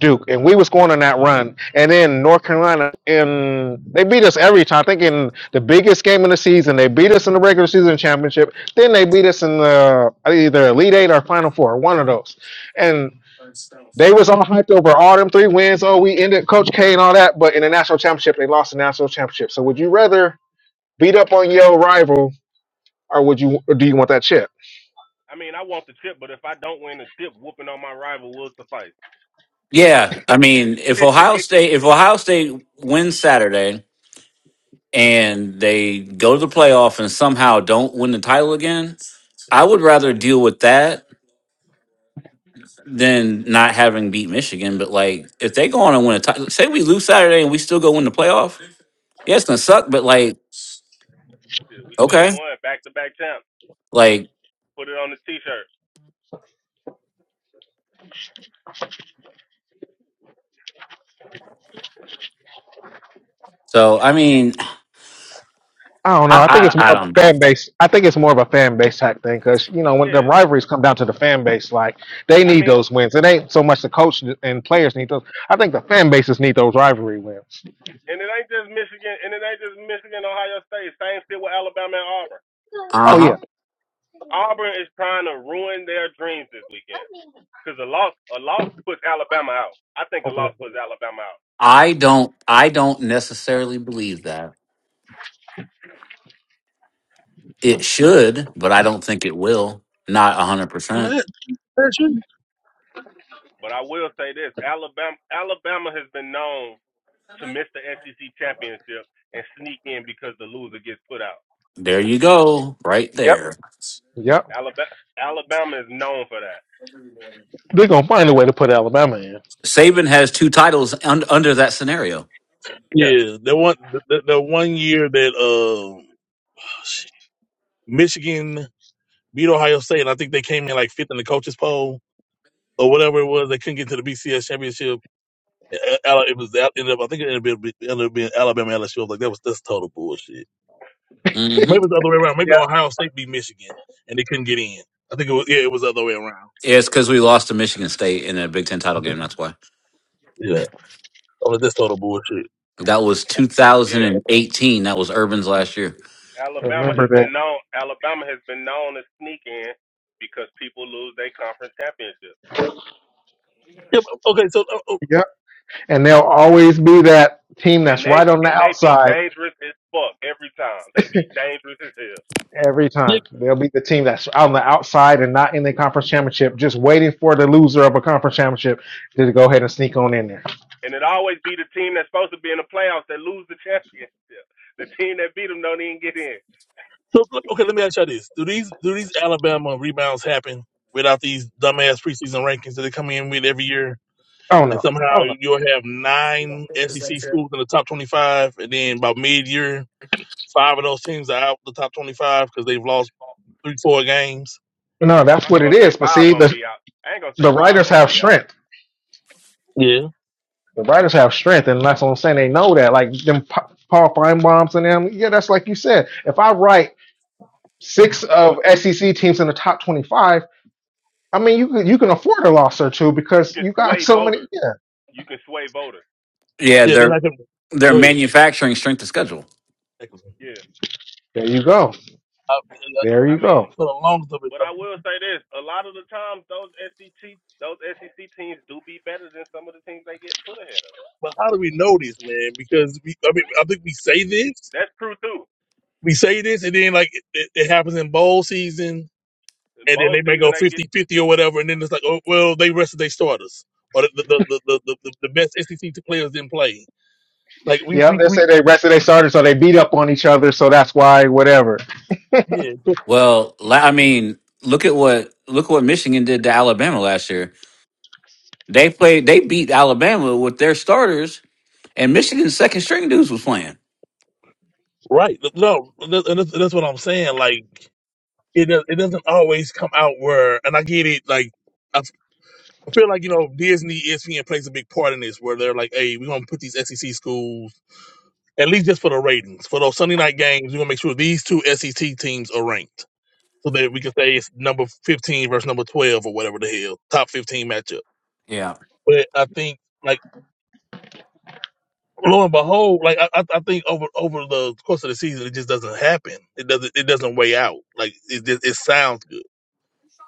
S5: Duke, and we was going on that run. And then North Carolina and they beat us every time. I think in the biggest game of the season, they beat us in the regular season championship. Then they beat us in the either Elite Eight or Final Four, one of those. And they was all hyped over all them three wins. Oh, we ended Coach K and all that, but in the national championship, they lost the national championship. So would you rather beat up on your rival or would you or do you want that chip?
S1: I mean, I want the chip, but if I don't win the chip, whooping on my rival will suffice.
S2: Yeah, I mean, if Ohio State if Ohio State wins Saturday and they go to the playoff and somehow don't win the title again, I would rather deal with that than not having beat Michigan. But like, if they go on and win a title, say we lose Saturday and we still go win the playoff, yeah, it's gonna suck. But like,
S1: Yeah, we still
S2: okay,
S1: won back to back champs.
S2: like,
S1: Put it on the t shirt.
S2: so I mean,
S5: I don't know.
S2: I
S5: I think
S2: I,
S5: it's
S2: I
S5: more of
S2: don't
S5: a
S2: know.
S5: fan base. I think it's more of a fan base type thing because you know when the
S1: Yeah.
S5: rivalries come down to the fan base, like they
S1: I
S5: need
S1: mean,
S5: those wins. It ain't so much the coach and players need those. I think the fan bases need those rivalry wins.
S1: and it ain't just Michigan, and it ain't just Michigan, Ohio State. Same shit with Alabama and Auburn.
S5: Oh
S2: Uh
S5: yeah,
S1: Auburn is trying to ruin their dreams this weekend because a loss, a loss puts Alabama out. I think a
S5: open
S1: loss
S5: that. door.
S1: puts Alabama out.
S2: I don't I don't necessarily believe that. It should, but I don't think it will. Not 100%.
S7: Let- let you-
S1: But I will say this: Alabama, Alabama has been known to miss the SEC championship and sneak in because the loser gets put out.
S2: There you go, right
S5: Yep,
S2: there.
S5: yep.
S1: Alabama Alabama is known for that.
S5: They're gonna find a way to put Alabama in.
S2: Saban has two titles un- under that scenario.
S1: Yeah,
S7: Yeah, the one the, the, the one year that uh, Michigan beat Ohio State, and I think they came in like fifth in the coaches poll or whatever it was. They couldn't get to the BCS championship. Uh, Ala- It was it ended up I think it ended up, being- ended up being Alabama LSU. was like that was that's total bullshit.
S2: hmm
S7: Maybe it was the other way around. Maybe Ohio State beat Michigan and they couldn't get in. I think it was yeah, it was the other way around.
S2: It's because we lost to Michigan State in a Big Ten title game. That's why.
S7: Yeah, oh, that's total bullshit.
S2: That was
S1: yeah.
S2: 2018. That was Urban's last year.
S1: Alabama has
S5: Remember that.
S1: been known. Alabama has been known to sneak in because people lose their conference championship,
S7: Yeah, but- okay, so uh, uh,
S5: Yep. And they'll always be that team
S1: and
S5: that's
S1: they
S5: right on the
S1: and they be
S5: outside
S1: dangerous as fuck every time. They be dangerous as hell,
S5: Every
S7: yeah,
S5: time. They'll be the team that's on the outside and not in the conference championship, just waiting for the loser of a conference championship to go ahead and sneak on in there.
S1: and it always be the team that's supposed to be in the playoffs that lose the championship. The team that beat them don't even get in.
S7: so uh, okay, let me ask you all this: Do these do these Alabama rebounds happen without these dumbass preseason rankings that they come in with every year?
S5: Oh
S7: And
S5: no.
S7: somehow
S5: Oh no.
S7: you'll have nine SEC schools in the top twenty-five, and then by mid-year, five of those teams are out the top twenty-five because they've lolost three, four games.
S5: No, that's
S1: I
S5: what
S1: ain't
S5: it
S1: gonna say
S5: is. But
S1: five
S5: see,
S1: of them
S5: the
S1: be out. I ain't gonna say
S5: the
S1: five of
S5: writers
S1: them
S5: have
S1: be out,
S5: strength.
S7: Yeah,
S5: The writers have strength, and that's what I'm saying. They know that. Like them Pa- Paul Feinbaum's and them. Yeah, that's like you said. If I write six of
S1: but
S5: SEC teams in the top twenty five, I mean you could you can afford a loss or two
S1: you
S5: because
S1: can
S5: you got
S1: sway
S5: so many
S1: voters.
S5: yeah.
S1: You can sway voters.
S2: Yeah,
S7: yeah. Then
S2: they're
S7: I can
S2: they're
S7: go ahead.
S2: manufacturing strength of schedule.
S7: I,
S1: Yeah.
S5: There you go. There
S1: I
S5: you
S1: mean,
S5: go.
S7: for the long of it.
S1: but I
S7: though.
S1: will say this: a lot of the times, those SEC those SEC teams do be better than some of the teams they get put ahead of.
S7: But how do we know this, man? Because we, I mean, I think we say this,
S1: That's true too.
S7: we say this, and then like it, it, it happens in bowl season,
S1: In
S7: and then
S1: bowl
S7: they may
S1: season,
S7: go
S1: they get,
S7: fifty-fifty or whatever, and then it's like, oh well, they rested their starters, or the the the the, the, the, the best SEC players didn't play. Like we
S5: Yep,
S7: we
S5: they
S7: we
S5: say they rested they started, so they beat up on each other, so that's why whatever.
S7: yeah
S2: Well, la- I mean, look at what look what Michigan did to Alabama last year. They played. They beat Alabama with their starters, and Michigan's second string dudes was playing.
S7: right no, and that's, and that's that's what I'm saying. Like it does, it doesn't always come out where, and I get it, like. I f- I feel like you know Disney, ESPN plays a big part in this, where they're like, "Hey, we're gonna put these SEC schools at least just for the ratings. For those Sunday night games, we're gonna make sure these two SEC teams are ranked so that we can say it's number fifteen versus number twelve or whatever the hell top fifteen matchup.
S2: Yeah,
S7: But I think like lo and
S1: but
S7: behold, like I, I I think over over the course of the season, it just doesn't happen. It doesn't it doesn't weigh out. Like it just, it sounds good.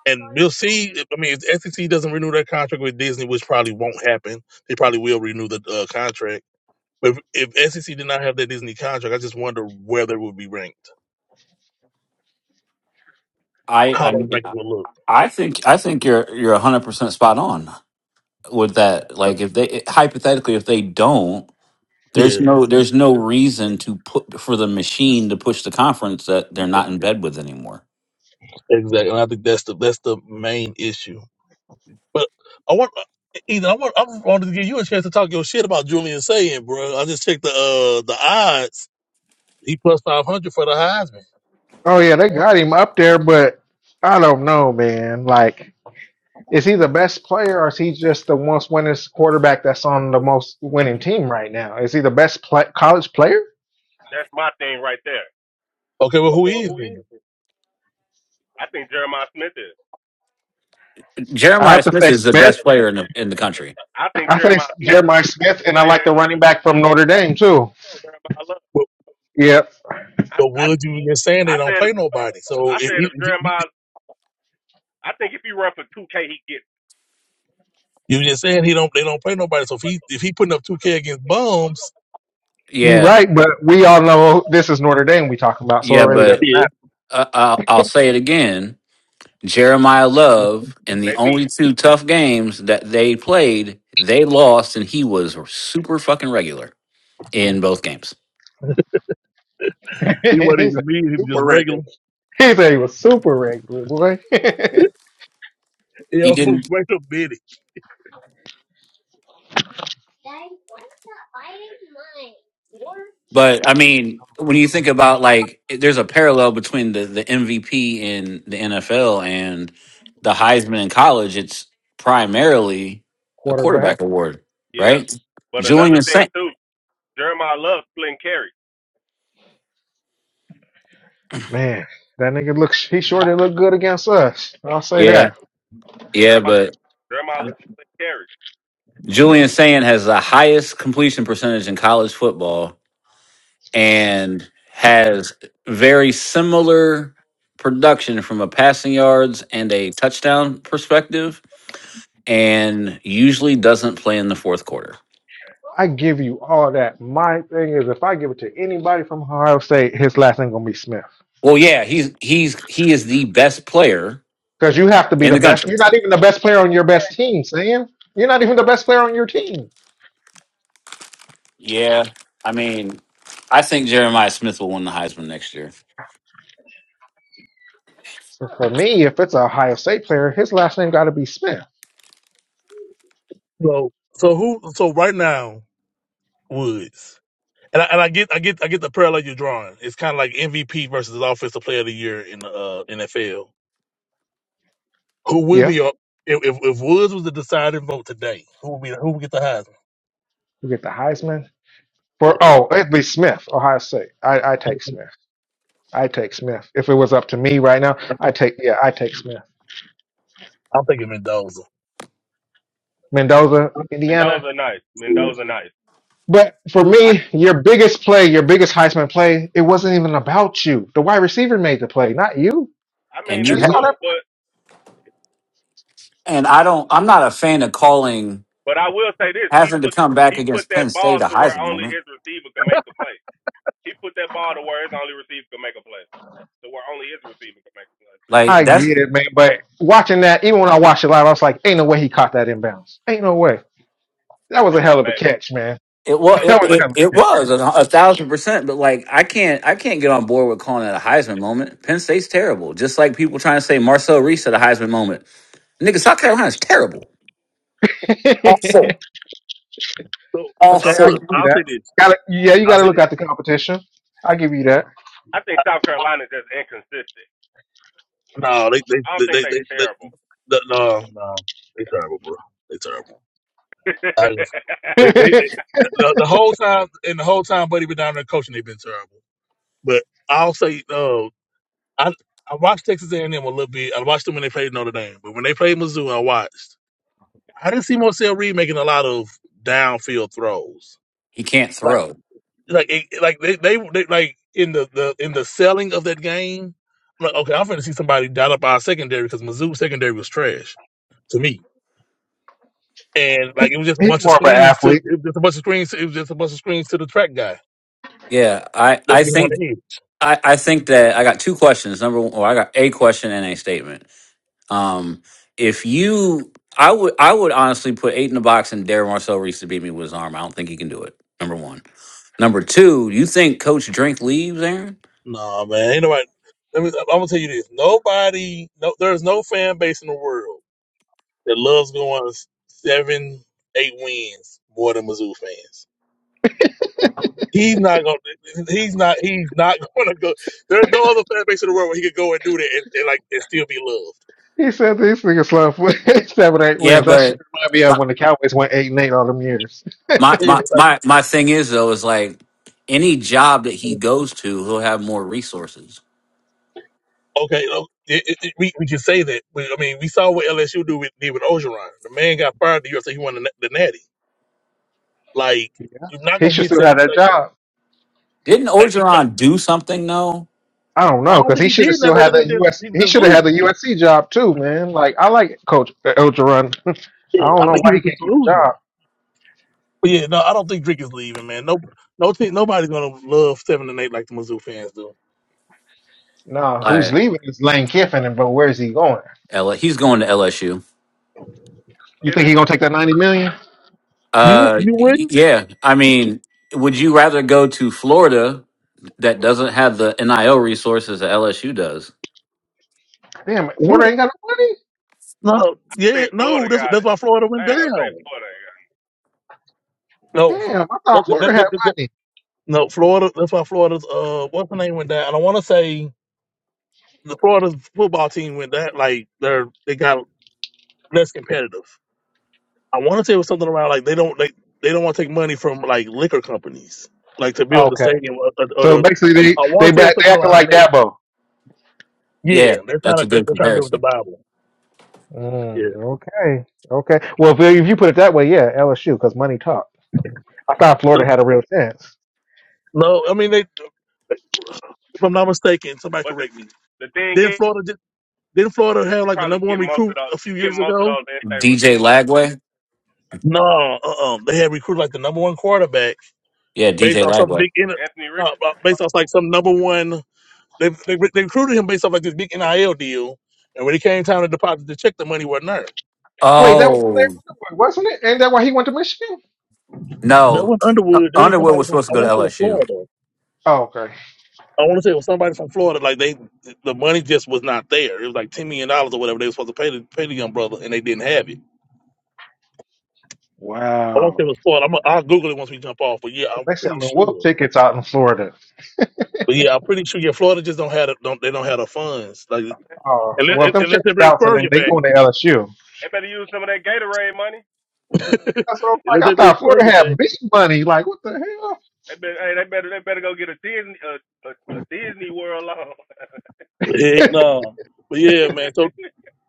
S7: And we'll see. I mean, if the SEC doesn't renew their contract with Disney, which probably won't happen, they probably will renew the uh, contract. But if, if SEC did not have that Disney contract, I just wonder where they would be ranked.
S2: I I
S7: how those
S2: mean
S7: make it look.
S2: I think I think you're you're one hundred percent spot on with that. Like if they hypothetically if they don't, there's
S7: Yeah,
S2: no there's no reason to put for the machine to push the conference that they're not in bed with anymore.
S7: exactly. And I think that's the that's the main issue. But I want Ethan, I want I wanted to give you a chance to talk your shit about Julian saying, bro. I just checked the uh the odds. He plus five hundred for the Heisman.
S5: Oh yeah, they got him up there, but I don't know, man. Like, is he the best player, or is he just the most winning quarterback that's on the most winning team right now? Is he the best pla college player?
S1: that's my thing right there.
S7: Okay, well who
S1: Okay, well,
S7: is
S1: who you?
S7: then?
S1: I think Jeremiah Smith is.
S5: I
S2: Jeremiah
S5: have to
S2: Smith
S5: say
S2: is the
S1: That's
S5: Smith.
S2: best
S1: the
S2: player
S1: best
S2: in the
S1: player.
S2: in the country.
S1: I think
S5: I think
S1: Jeremiah Smith is
S5: Jeremiah
S1: the best
S5: Smith, and I
S1: player
S5: like the
S1: in
S5: running
S1: the
S5: back from Notre Dame too.
S1: country. I love
S7: But
S5: Yep,
S1: I
S7: but
S1: I
S7: Woods, you were just saying
S1: I
S7: they don't
S1: said if,
S7: play nobody. So
S1: I
S7: if
S1: said
S7: he,
S1: if
S7: he-
S1: Jeremiah, I think if he run for two K, he gets.
S7: you were just saying he don't they don't play nobody. So if he if he putting up two K against bums,
S5: you're
S2: Yeah,
S5: right, but we all know this is Notre Dame we talking about, so it
S2: yeah,
S5: really
S2: but
S5: doesn't
S7: yeah,
S5: matter.
S2: uh, I'll, I'll say it again. Jeremiah Love in the
S1: They beat.
S2: only two tough games that they played, they lost, and he was super fucking regular in both games.
S7: he wasn't
S5: He's a
S7: even mean. He was just
S5: super
S7: regular.
S5: regular. He said he was super regular, boy.
S2: He
S7: Yo,
S2: didn't,
S7: wait a minute.
S2: but I mean, when you think about like, there's a parallel between the the MVP in the NFL and the Heisman in college. It's primarily a
S5: Quarterback.
S2: quarterback award,
S1: Yeah.
S2: right?
S1: But another
S2: Julian
S1: thing
S2: Saint,
S1: too, Jeremiah loves splitting carries.
S5: Man, that nigga looks he sure did look good against us. I'll say
S2: yeah,
S5: that.
S2: yeah,
S1: Jeremiah
S2: but
S1: Jeremiah loves splitting carries.
S2: Julian Saint has the highest completion percentage in college football and has very similar production from a passing yards and a touchdown perspective and usually doesn't play in the fourth quarter.
S5: I give you all that. My thing is if I give it to anybody from Ohio State, his last name gonna be Smith.
S2: Well, yeah, he's he's he is the best player
S5: Because you have to be
S2: in
S5: the
S2: the
S5: best.
S2: country.
S5: You're not even the best player on your best team, Sam. You're not even the best player on your team.
S2: Yeah. I mean, I think Jeremiah Smith will win the Heisman next year.
S5: So for me, if it's a Ohio State player, his last name gotta be Smith.
S7: So so who? So right now, Woods. And I, and I get I get I get the parallel you're drawing. It's kind of like MVP versus Offensive Player of the Year in the uh, NFL. Who will
S5: Yeah.
S7: be up if, if if Woods was the deciding vote today? Who would be who would get the
S5: You get the Heisman.
S7: Yeah.
S5: For oh, it'd be Smith, Ohio State. I, I
S7: Heisman?
S5: take Smith. I take Smith. If it was up to me right now, I
S7: Yeah.
S5: take yeah, I take Smith.
S7: I'm thinking Mendoza.
S5: Mendoza, Indiana.
S1: Mendoza nice.
S7: Yeah.
S1: Mendoza nice.
S5: But for
S1: I
S5: me, your biggest play, your biggest Heisman play, it wasn't even about you. The wide receiver made the play, not you.
S1: I mean
S2: And
S5: You
S2: you
S1: that's
S2: ha-
S7: True.
S5: saw
S1: cool,
S5: that play?
S1: but
S2: and I don't I'm not a fan of calling
S1: but I will say this: he
S2: having to
S1: put
S2: come back
S1: he put
S2: against Penn
S1: that
S2: State
S1: ball
S2: a
S1: to where
S2: Heisman
S1: only
S2: moment.
S1: his receiver can make the play. He put that ball to where his only receiver could make a play. To where only his receiver could make a play.
S2: Like
S5: I
S2: that's
S5: get it, man. But watching that, even when I watched it live, I was like, ain't no way he caught that inbounds. Ain't no way. That
S1: That
S5: was a
S1: shit was
S5: hell of a
S1: amazing.
S5: catch, man.
S2: It was
S1: That was
S2: it,
S5: That was a
S2: it,
S1: amazing.
S5: hell of
S2: it
S5: a
S2: was a, a thousand percent, but like I can't I can't get on board with calling it a Heisman moment. Penn State's terrible. Just like people trying to say Marcel Reese had a Heisman moment. Nigga, South Carolina's terrible. Awful.
S5: catch.
S7: So uh,
S5: okay, I
S7: look,
S2: Awful.
S5: give you
S7: I'll
S5: that.
S7: say this.
S5: Got to Yeah, you
S7: I'll
S5: got to
S7: say
S5: look
S7: this.
S5: at the competition. I give you that.
S1: I think South Carolina is just inconsistent.
S7: No, they they
S1: I don't
S7: they
S1: think
S7: they,
S1: they
S7: they, they,
S1: terrible.
S7: the- no no they terrible, bro. They terrible. I just, they they the, the whole time and the whole time Buddy been down there coaching, they've been terrible. But I'll say no. I I watched Texas A&M a little bit. I watched them when they played Notre Dame, but when they played Mizzou, I watched. I didn't see Marcel Reed making a lot of downfield throws.
S2: He can't
S7: Like
S2: throw.
S7: like it, like they, they they like in the, the in the selling of that game. I'm like, okay, I'm going to see somebody dial up our secondary because Mizzou secondary was trash to me. And like it was just a
S5: He's
S7: bunch of
S5: more of an
S7: screens to
S5: athlete.
S7: it was just a bunch of screens. It was just a bunch of screens to the track guy.
S2: Yeah, I
S7: Let
S2: I
S7: me him on
S2: think
S7: the head.
S2: I I think that I got two questions. Number one, or I got a question and a statement. Um, if you, I would I would honestly put eight in the box and dare Marcel Reese to beat me with his arm. I don't think he can do it. Number one. Number two, you think Coach Drink leaves, Aaron?
S7: No man, ain't nobody. Let me, I'm gonna tell you this: nobody, no, there's no fan base in the world that loves going seven, eight wins more than Mizzou fans. He's not going. to He's not. He's not going to go. There's no other fan base in the world where he could go and do that and, and like and still be loved.
S5: He said these niggas love seven, eight
S2: Yeah,
S5: wins. That shit
S2: but
S5: remind me of
S2: my
S5: when the Cowboys went eight and eight all them years.
S2: my my
S7: Yeah,
S2: my my thing is though is like any job that he
S7: like
S2: goes to, he'll have more resources.
S7: okay, no, it, it, it- we we can say that. But, I mean, we saw what LSU do with did with Ogeron. The man got fired the year after he won the, na- the Natty. Like
S5: Yeah.
S7: you're not
S5: He
S7: going to
S5: should
S7: get
S5: still
S7: seven.
S5: have that
S7: Like
S5: job.
S2: Didn't
S7: like you. Not,
S2: Orgeron do something though?
S5: I don't
S7: I
S5: know,
S7: don't
S5: because
S7: think
S5: he
S7: he
S5: should have
S7: did
S5: still
S7: nothing other
S5: had that
S7: than just
S5: US
S7: he was
S5: he
S7: just
S5: should have had
S7: losing.
S5: the USC job too, man. Like I like Coach uh, Elgeron.
S7: Yeah,
S5: I don't
S7: I
S5: know
S7: think he
S5: why
S7: was
S5: he
S7: just
S5: can't keep a
S7: losing.
S5: job.
S7: But yeah, no, I don't think Drake is leaving, man. No, no, team, nobody's gonna love seven and eight like the Mizzou fans do.
S5: Nah, who's
S2: Like
S5: leaving is Lane Kiffin and but where's he going?
S2: L- he's going to LSU.
S5: You think
S1: Kiffin?
S5: he
S1: I
S5: gonna take that ninety million?
S7: You,
S2: Uh,
S7: you wouldn't?
S2: yeah. I mean, would you rather go to Florida that doesn't have the NIL resources that LSU does?
S5: Damn
S7: What?
S5: Florida ain't got no money?
S7: No, yeah,
S1: think
S7: no.
S1: Florida
S7: That's
S1: got
S7: that's
S1: it.
S7: why Florida went
S1: I
S7: down.
S1: ain't gonna say Florida ain't got it.
S7: No, Fl-
S5: Damn, I thought
S7: that, that,
S5: Florida
S7: that,
S5: had
S7: that, that-
S5: money.
S7: no, Florida. That's why Florida's uh, what's the name went down. And I want to say the Florida's football team went down. Like they're they got less competitive. I want to say it was something around like they don't they, they don't want to take money from like liquor companies like to build the
S5: Okay.
S7: stadium or, or, or
S5: So
S7: the.
S5: basically they
S7: I
S5: they
S7: want to say it was
S5: back they
S7: something
S5: acting
S7: around
S5: like
S7: that.
S5: Dabo.
S2: Yeah,
S7: Yeah, they're trying
S2: that's a
S7: to they're,
S2: good
S7: they're trying to do with the
S2: comparison.
S7: Bible.
S5: Mm,
S7: Yeah.
S5: okay. Okay. Well if, if you put it that way, yeah, LSU, because money talk. I thought Florida had a real chance.
S7: No, I mean they. If I'm not mistaken, somebody
S1: But the
S7: correct me.
S1: the thing
S7: Didn't
S1: is
S7: Florida did, didn't Florida have
S1: you
S7: like the
S1: probably
S7: number
S1: get
S7: one
S1: most of
S7: recruit
S1: those
S7: a
S1: you
S7: few
S1: get
S7: years
S1: most of
S7: ago?
S1: those in state
S2: DJ
S1: receivers, I think.
S2: Lagway.
S7: No, uh, uh they had recruited like the number one quarterback
S2: Yeah,
S7: based
S2: DJ
S7: off some
S2: Lagway.
S7: big inter,
S1: Anthony
S7: no, uh,
S1: Richardson?
S7: based off like some number one. They, they they recruited him based off like this big NIL deal, and when it came time to deposit to check, the money wasn't there.
S5: Wait, that was Larry
S2: Oh
S5: Underwood, wasn't it? Ain't that why he went to Michigan?
S7: That
S2: no,
S7: was Underwood. That was
S2: Underwood
S7: somebody
S2: was
S7: from
S2: supposed to
S7: I
S2: go to
S7: want to say it was
S2: LSU.
S7: Florida.
S5: Oh, okay.
S7: I want to say it was somebody from Florida. Like they, the money just was not there. It was like ten million dollars or whatever they were supposed to pay the pay the young brother, and they didn't have it. I want to say
S5: Wow.
S7: it was Florida. I'm, I'll Google it once we jump off. But yeah,
S5: So
S7: I'm
S5: they
S7: pretty
S5: selling wolf
S7: sure.
S5: tickets out in Florida.
S7: But yeah, I'm pretty sure. Yeah, Florida just don't have the, don't they don't have the funds. Like
S5: Oh,
S7: unless,
S5: well, if them
S7: unless they
S5: checks
S7: bring
S5: bouncing and
S7: Spurrier
S5: they
S7: back,
S5: going to LSU.
S1: They better use some of that Gatorade money.
S5: That's what I'm
S7: unless
S5: like.
S7: they
S5: I
S7: bring
S5: thought Florida
S7: Spurrier back.
S5: had big money. Like, what the
S1: They better, hey, they better, they better go get a Disney, a, a, a Disney World loan.
S7: Heck
S5: hell?
S7: no. But yeah, man. So.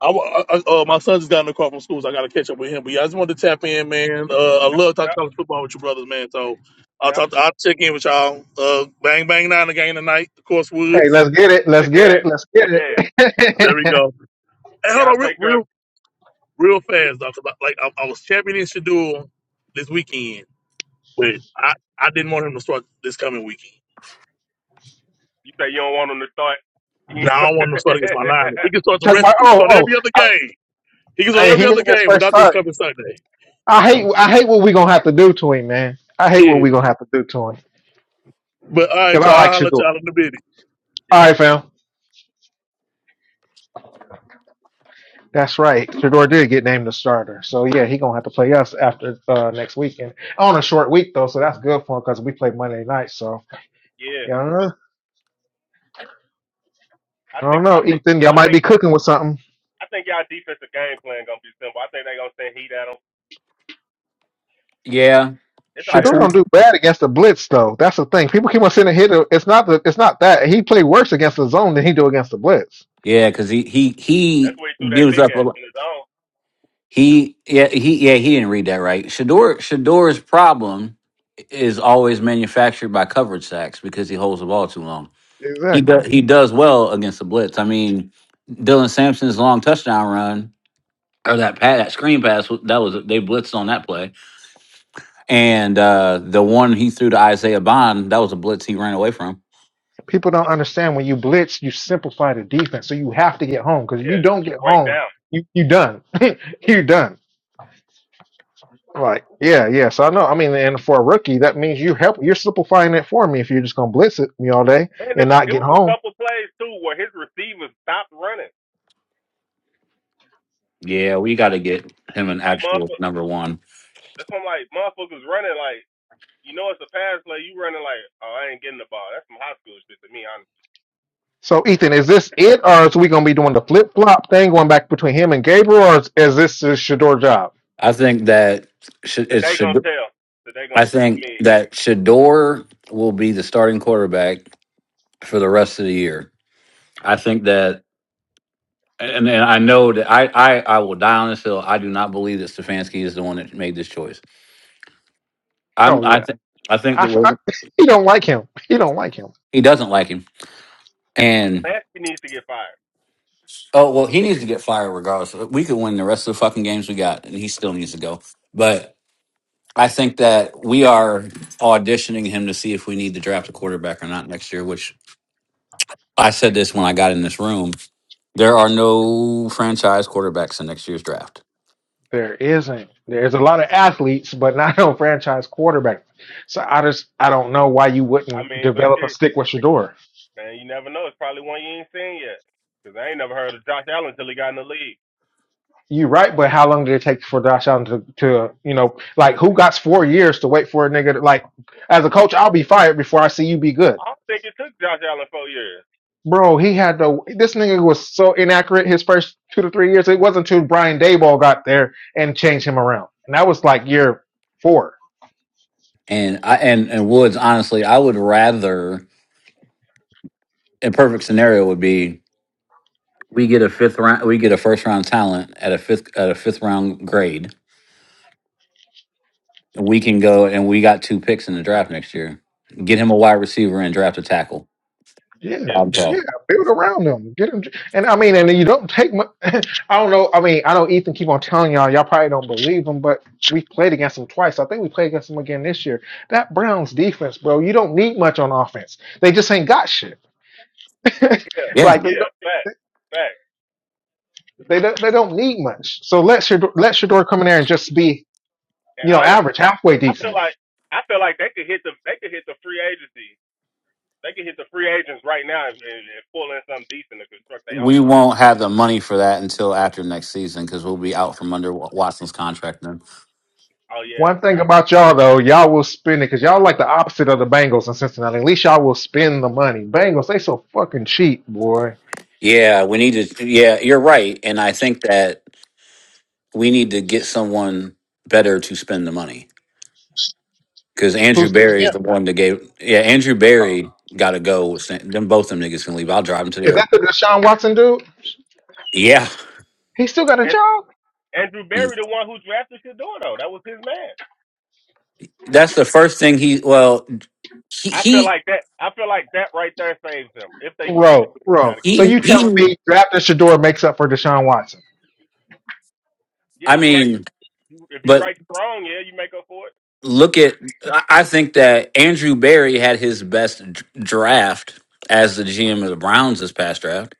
S7: I, wa- I, I- uh, my son just got in the car from school, so I got to catch up with him. But yeah, I just wanted to tap in, man. Uh, I
S1: yep,
S7: love talking
S1: yep,
S7: college football with you brothers, man. So I'll
S1: yep.
S7: talk. I'll check in with y'all. Uh, bang bang nine again tonight. Of course,
S5: hey,
S7: Woods.
S5: let's get it. Let's get it. Let's get it.
S7: There we go. Hey, hold
S1: Y'all
S7: on, real
S1: take her.
S7: real, real fast though, 'cause I, like I, I was championing Shadul this weekend, but I, I didn't want him to start this coming weekend.
S1: You say you don't want them to start. yeah,
S7: Now I don't want him to start against my Niners. He can start the
S5: Talking
S7: rest.
S5: about,
S7: He can
S5: oh,
S7: start every other
S5: oh,
S7: game. He can
S5: I,
S7: start
S5: hey,
S7: every
S5: he got
S7: other
S5: his
S7: game, but
S5: first
S7: not this
S5: start.
S7: coming Sunday.
S5: I hate, I hate what we gonna have to do to him, man. I hate what
S7: Yeah.
S5: we gonna have to do to him.
S7: But all
S5: Cause
S7: right,
S5: I
S7: y'all. I'll
S5: like
S7: holler
S5: Shador.
S7: at
S5: All
S7: y'all in a bit.
S5: right, fam. That's right. Shador did get named the starter, so yeah, he gonna have to play us after uh, next weekend on a short week though, so that's good for him because we play Monday night. So
S1: yeah.
S5: yeah, I don't know.
S1: I
S5: I don't
S1: think, I
S5: know,
S1: think,
S5: Ethan. Y'all
S1: I
S5: might
S1: think,
S5: be cooking with something.
S1: I think y'all defensive game plan gonna be simple. I think they gonna send heat at them.
S2: Yeah,
S1: It's, a-
S5: Shador
S1: it's
S5: don't do bad against the blitz though. That's the thing. People keep on saying hit. It's not the. It's not that he play worse against the zone than he do against the blitz.
S2: Yeah, because he he
S1: that's
S2: he
S1: where he threw that
S2: gives
S1: pick
S2: up a
S1: at
S2: lot.
S1: in his own.
S2: He yeah he yeah he didn't read that right. Shador Shador's problem is always manufactured by coverage sacks because he holds the ball too long. He
S5: Exactly.
S2: does he does well against the blitz. I mean, Dylan Sampson's long touchdown run or that pat that screen pass that was they blitzed on that play, and uh the one he threw to Isaiah Bond that was a blitz he ran away from.
S5: People don't understand when you blitz, you simplify the defense, so you have to get home because if you
S1: Yeah,
S5: don't
S1: you
S5: get
S1: break
S5: home,
S1: down.
S5: you you done. you done. Right. Yeah, yeah. So I know. I mean, and for a rookie, that means you help. You're simplifying it for me if you're just gonna blitz it me all day
S1: And it,
S5: and not
S1: it
S5: get
S1: was a
S5: home.
S1: couple plays too where his receivers stopped running.
S2: Yeah, we got to get him an
S1: Like
S2: actual
S1: motherfuckers,
S2: number one.
S1: that's when like motherfuckers running like you know it's a pass play. You running like oh I ain't getting the ball. That's some high school shit to me. Honestly,
S5: So Ethan, is this it, or is we gonna be doing the flip flop thing going back between him and Gabriel, or is, is this his Shador job?
S2: I think that sh- it's
S1: today gonna
S2: should.
S1: tell. Today gonna
S2: I
S1: tell.
S2: think
S1: me.
S2: that Shador will be the starting quarterback for the rest of the year. I think that, and, and I know that I, I, I will die on this hill. I do not believe that Stefanski is the one that made this choice. I'm,
S5: Oh
S2: I
S5: yeah.
S2: think, I think
S5: I,
S2: that
S5: f- I-
S2: we're,
S5: he don't like him. He don't like him.
S2: he doesn't like him, and
S1: Lasky needs to get fired.
S2: oh well, he needs to get fired regardless. We could win the rest of the fucking games we got, and he still needs to go. But I think that we are auditioning him to see if we need to draft a quarterback or not next year, which I said this when I got in this room. There are no franchise quarterbacks in next year's draft.
S5: There isn't. There's a lot of athletes, but not no franchise quarterback. So I just I don't know why you
S1: I
S5: wouldn't
S1: mean, but
S5: develop a
S1: shit,
S5: stick with Shador.
S1: man, you never know. It's probably one you ain't seen yet. Because I ain't never heard of Josh Allen until he got in the league.
S5: You're right, but how long did it take for Josh Allen to, to you know like who got four years to wait for a nigga to, like as a coach I'll be fired before I see you be good,
S1: I don't think it took Josh Allen four years.
S5: bro. He had to. This nigga was so inaccurate his first two to three years. It wasn't until Brian Dayball got there and changed him around. And that was like year four
S2: And I and, and Woods, honestly, I would rather a perfect scenario would be we get a fifth round we get a first round talent at a fifth at a fifth round grade. We can go and we got two picks in the draft next year. Get him a wide receiver and draft a tackle.
S5: Yeah,
S1: Yeah,
S2: Problem
S5: yeah,
S2: solved.
S5: build around them. Get them, and I mean, and you don't take. much. I don't know. I mean, I know Ethan keep on telling y'all, y'all probably don't believe him, but we played against them twice. I think we played against them again this year. That Browns defense, bro, you don't need much on offense. They just ain't got shit.
S1: yeah,
S2: Yeah.
S5: like they
S1: yeah.
S5: don't,
S1: Fact, fact.
S5: they don't, they don't need much. So let Shador, let Shador come in there and just be,
S1: And
S5: you know,
S1: honestly,
S5: average, halfway
S1: I feel
S5: decent.
S1: like I feel like they could hit the they could hit the free agency. They could hit the free agents right now and, and, pull in something decent to construct their
S2: We
S1: offense.
S2: won't have the money for that until after next season because we'll be out from under Wa- Watson's contract.
S1: Oh yeah, I
S5: One thing
S1: forgot.
S5: about y'all though, y'all will spend it because y'all like the opposite of the Bengals in Cincinnati. At least y'all will spend the money. Bengals, they so fucking cheap, boy.
S2: Yeah, we need to. Yeah, you're right, and I think that we need to get someone better to spend the money because Andrew
S5: Who's the
S2: Barry
S5: GM?
S2: is the one that gave. Yeah, Andrew Barry got to go. with San- Them both them niggas can leave. I'll drive him to the
S5: Is that the
S2: airport.
S5: Deshaun Watson dude?
S2: Yeah,
S5: He still got a
S1: And
S5: job?
S1: Andrew Berry, the one who drafted Shador, though, that was his man.
S2: that's the first thing he. Well, he
S1: I feel
S2: he
S1: like that. I feel like that right there saves them if they keep this.
S5: Bro,
S1: They got
S5: bro.
S1: to keep
S5: So
S1: it.
S2: he.
S5: you telling
S2: he
S5: me drafting Shador makes up for Deshaun Watson?
S1: Yeah,
S2: I
S1: you right.
S2: mean,
S1: If you
S2: but
S1: write strong, yeah, you make up for it.
S2: look at. I I think that Andrew Barry had his best d- draft as the GM of the Browns this past draft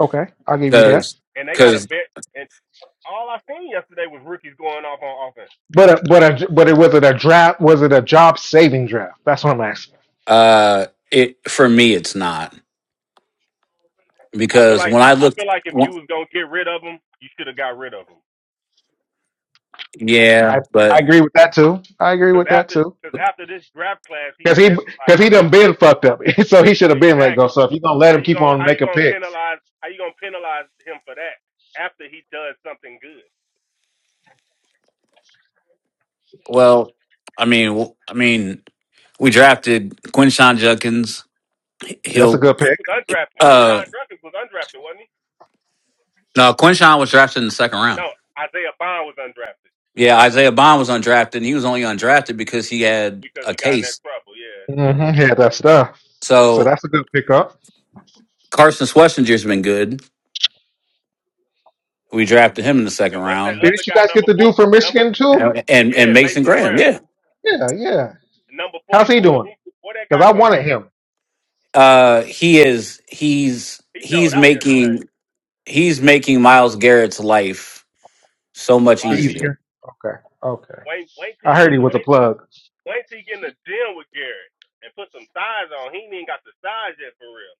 S5: Okay, I'll give you
S1: And
S5: that.
S2: because.
S1: and they got a vet. And all I seen yesterday was rookies going off on offense.
S5: But a, but a, but it was it a draft? Was it a job saving draft? That's what I'm asking.
S2: Uh, it for me, it's not
S1: I feel
S2: because
S1: like
S2: when I
S1: I
S2: looked,
S1: feel like if you
S2: wh-
S1: was gonna get rid of them, you should have got rid of them.
S2: yeah,
S5: I, I
S2: but
S5: agree with that too. I agree
S1: Because
S5: with that
S1: after
S5: too.
S1: because after this draft class, he's
S5: Cause he
S1: definitely
S5: cause
S1: like
S5: he done been fucked up, so he should have been let
S1: exactly
S5: go. So if you're gonna let
S1: how
S5: him
S1: you
S5: keep
S1: gonna
S5: on
S1: how you
S5: making
S1: gonna
S5: picks,
S1: penalize how you gonna penalize him for that after he does something good.
S2: well, I mean, w- I mean, we drafted Quinshawn Judkins.
S5: that's a
S2: He'll
S5: good
S1: He
S5: pick.
S1: was undrafted.
S2: uh
S1: Rashawn Jenkins was undrafted, wasn't he?
S2: no, Quinshawn was drafted in the second round.
S1: No, Isaiah Bond was undrafted
S2: Yeah, Isaiah Bond was undrafted, and he was only undrafted because he had
S1: because
S2: a
S1: he got in that
S2: case.
S1: trouble. Yeah.
S5: Mm-hmm. Yeah, that stuff. So
S2: So
S5: that's a good pickup.
S2: Carson Schwarzenegger's been good. We drafted him in the second
S1: And what's that
S2: round,
S1: other
S5: Didn't you
S1: guy
S5: guys get
S1: number
S5: the
S1: four?
S5: dude from
S1: Number
S5: Michigan too?
S2: and and, and
S1: yeah,
S2: Mason
S1: Mason
S2: Graham.
S1: Brown,
S2: Yeah,
S5: Yeah, yeah.
S1: number
S5: How's
S1: forty
S5: he
S1: four.
S5: doing?
S1: Who where that guy
S5: Because I
S1: come
S5: wanted
S1: from?
S5: him
S2: uh, he is. He's
S1: He showed
S2: he's
S1: out
S2: making
S1: yesterday.
S2: he's making Miles Garrett's life so
S1: A
S2: much
S1: lot. He,
S2: easier.
S5: easier. Okay. Okay.
S1: wait, wait till
S5: I
S1: he
S5: heard
S1: get
S5: he
S1: in the
S5: was a
S1: wait,
S5: plug.
S1: wait till he get in the gym with Garrett and put some size on. He ain't even got the size yet for real.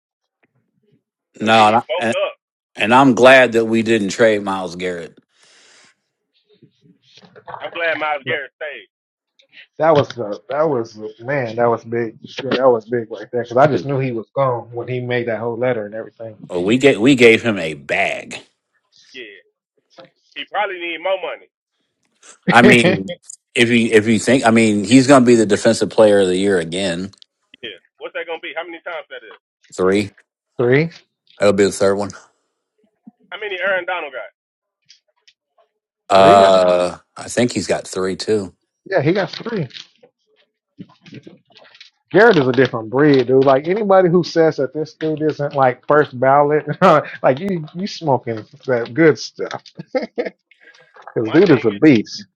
S1: Wait
S2: No,
S1: till
S2: and,
S1: he
S2: I,
S1: bulked
S2: and
S1: up.
S2: and I'm glad that we didn't trade Miles Garrett.
S1: I'm glad Miles
S5: Man,
S1: Garrett stayed.
S5: That was uh, that was man. That was big. Yeah, that was big right there. Because I just knew he was gone when he made that whole letter and everything.
S2: Uh, We get we gave him a bag.
S1: Yeah, he probably need more money.
S2: I mean, if you if you think, I mean, he's going to be the defensive player of the year again.
S1: Yeah, what's that gonna be? How many times that is?
S2: Three,
S5: three,
S2: that'll be the third one.
S1: How many Aaron Donald got?
S5: three. I think.
S2: Uh, I think he's got three too.
S5: Yeah, he got three. Garrett is a different breed, dude. Like anybody who says that this dude isn't like first ballot, like you, you smoking that good stuff. Because
S1: My
S5: dude
S1: thing
S5: is a
S1: is,
S5: beast.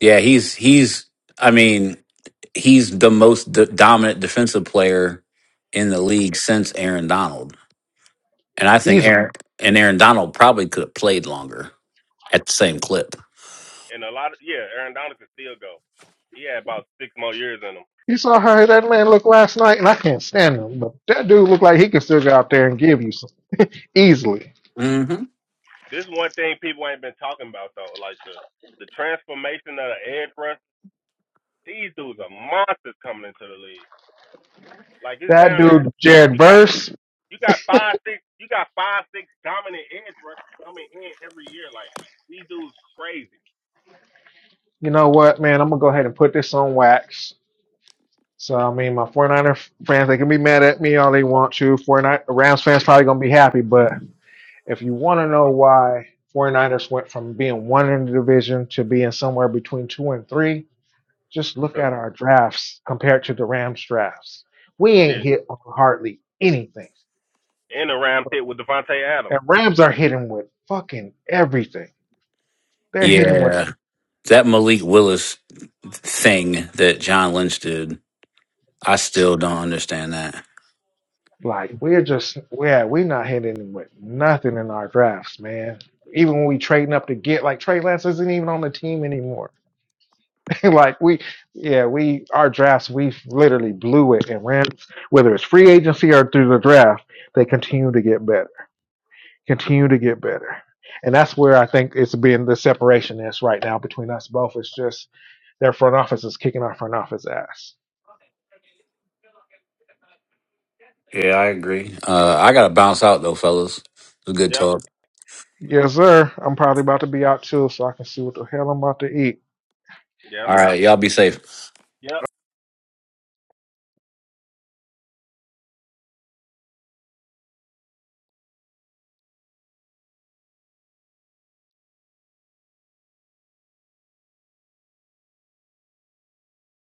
S2: Yeah, he's he's. I mean, he's the most d- dominant defensive player in the league since Aaron Donald. And I think
S5: He's
S2: Aaron and Aaron Donald probably could have played longer at the same clip.
S1: and a lot of yeah, Aaron Donald can still go. He had about six more years in him.
S5: you saw how that man looked last night, and I can't stand him. But that dude looked like he could still go out there and give you easily.
S2: hmm
S1: This is one thing people ain't been talking about though, like the the transformation of the edge rushers. These dudes are monsters coming into the league. Like it's
S5: That
S1: down there.
S5: dude, Jared
S1: You got
S5: Verse.
S1: you got five six you got five six dominant edge rushers coming in every year. Like these dudes crazy.
S5: you know what, man, I'm going to go ahead and put this on wax. So, I mean, my 49er fans, they can be mad at me all they want to. 49 Rams fans probably going to be happy. But if you want to know why 49ers went from being one in the division to being somewhere between two and three, just look
S1: Cause
S5: at our drafts compared to the Rams drafts. We ain't
S1: yeah,
S5: hit on hardly anything.
S1: in the round pit with Devontae Adams.
S5: And Rams are hitting with fucking everything. They're hitting with
S2: Yeah. That Malik Willis thing that John Lynch did, I still don't understand that.
S5: Like we're just yeah, we're not hitting with nothing in our drafts, man. Even when we trading up to get like Trey Lance isn't even on the team anymore. like we yeah, we our drafts we literally blew it and ran whether it's free agency or through the draft, they continue to get better. Continue to get better. And that's where I think it's been the separation is right now between us both. It's just their front office is kicking our front office ass.
S2: Yeah, I agree. Uh, I got to bounce out, though, fellas. It was a good
S1: Yep.
S2: talk.
S5: Yes, sir. I'm probably about to be out too, so I can see what the hell I'm about to eat.
S1: Yep.
S2: All right. Y'all be safe.
S1: Yep.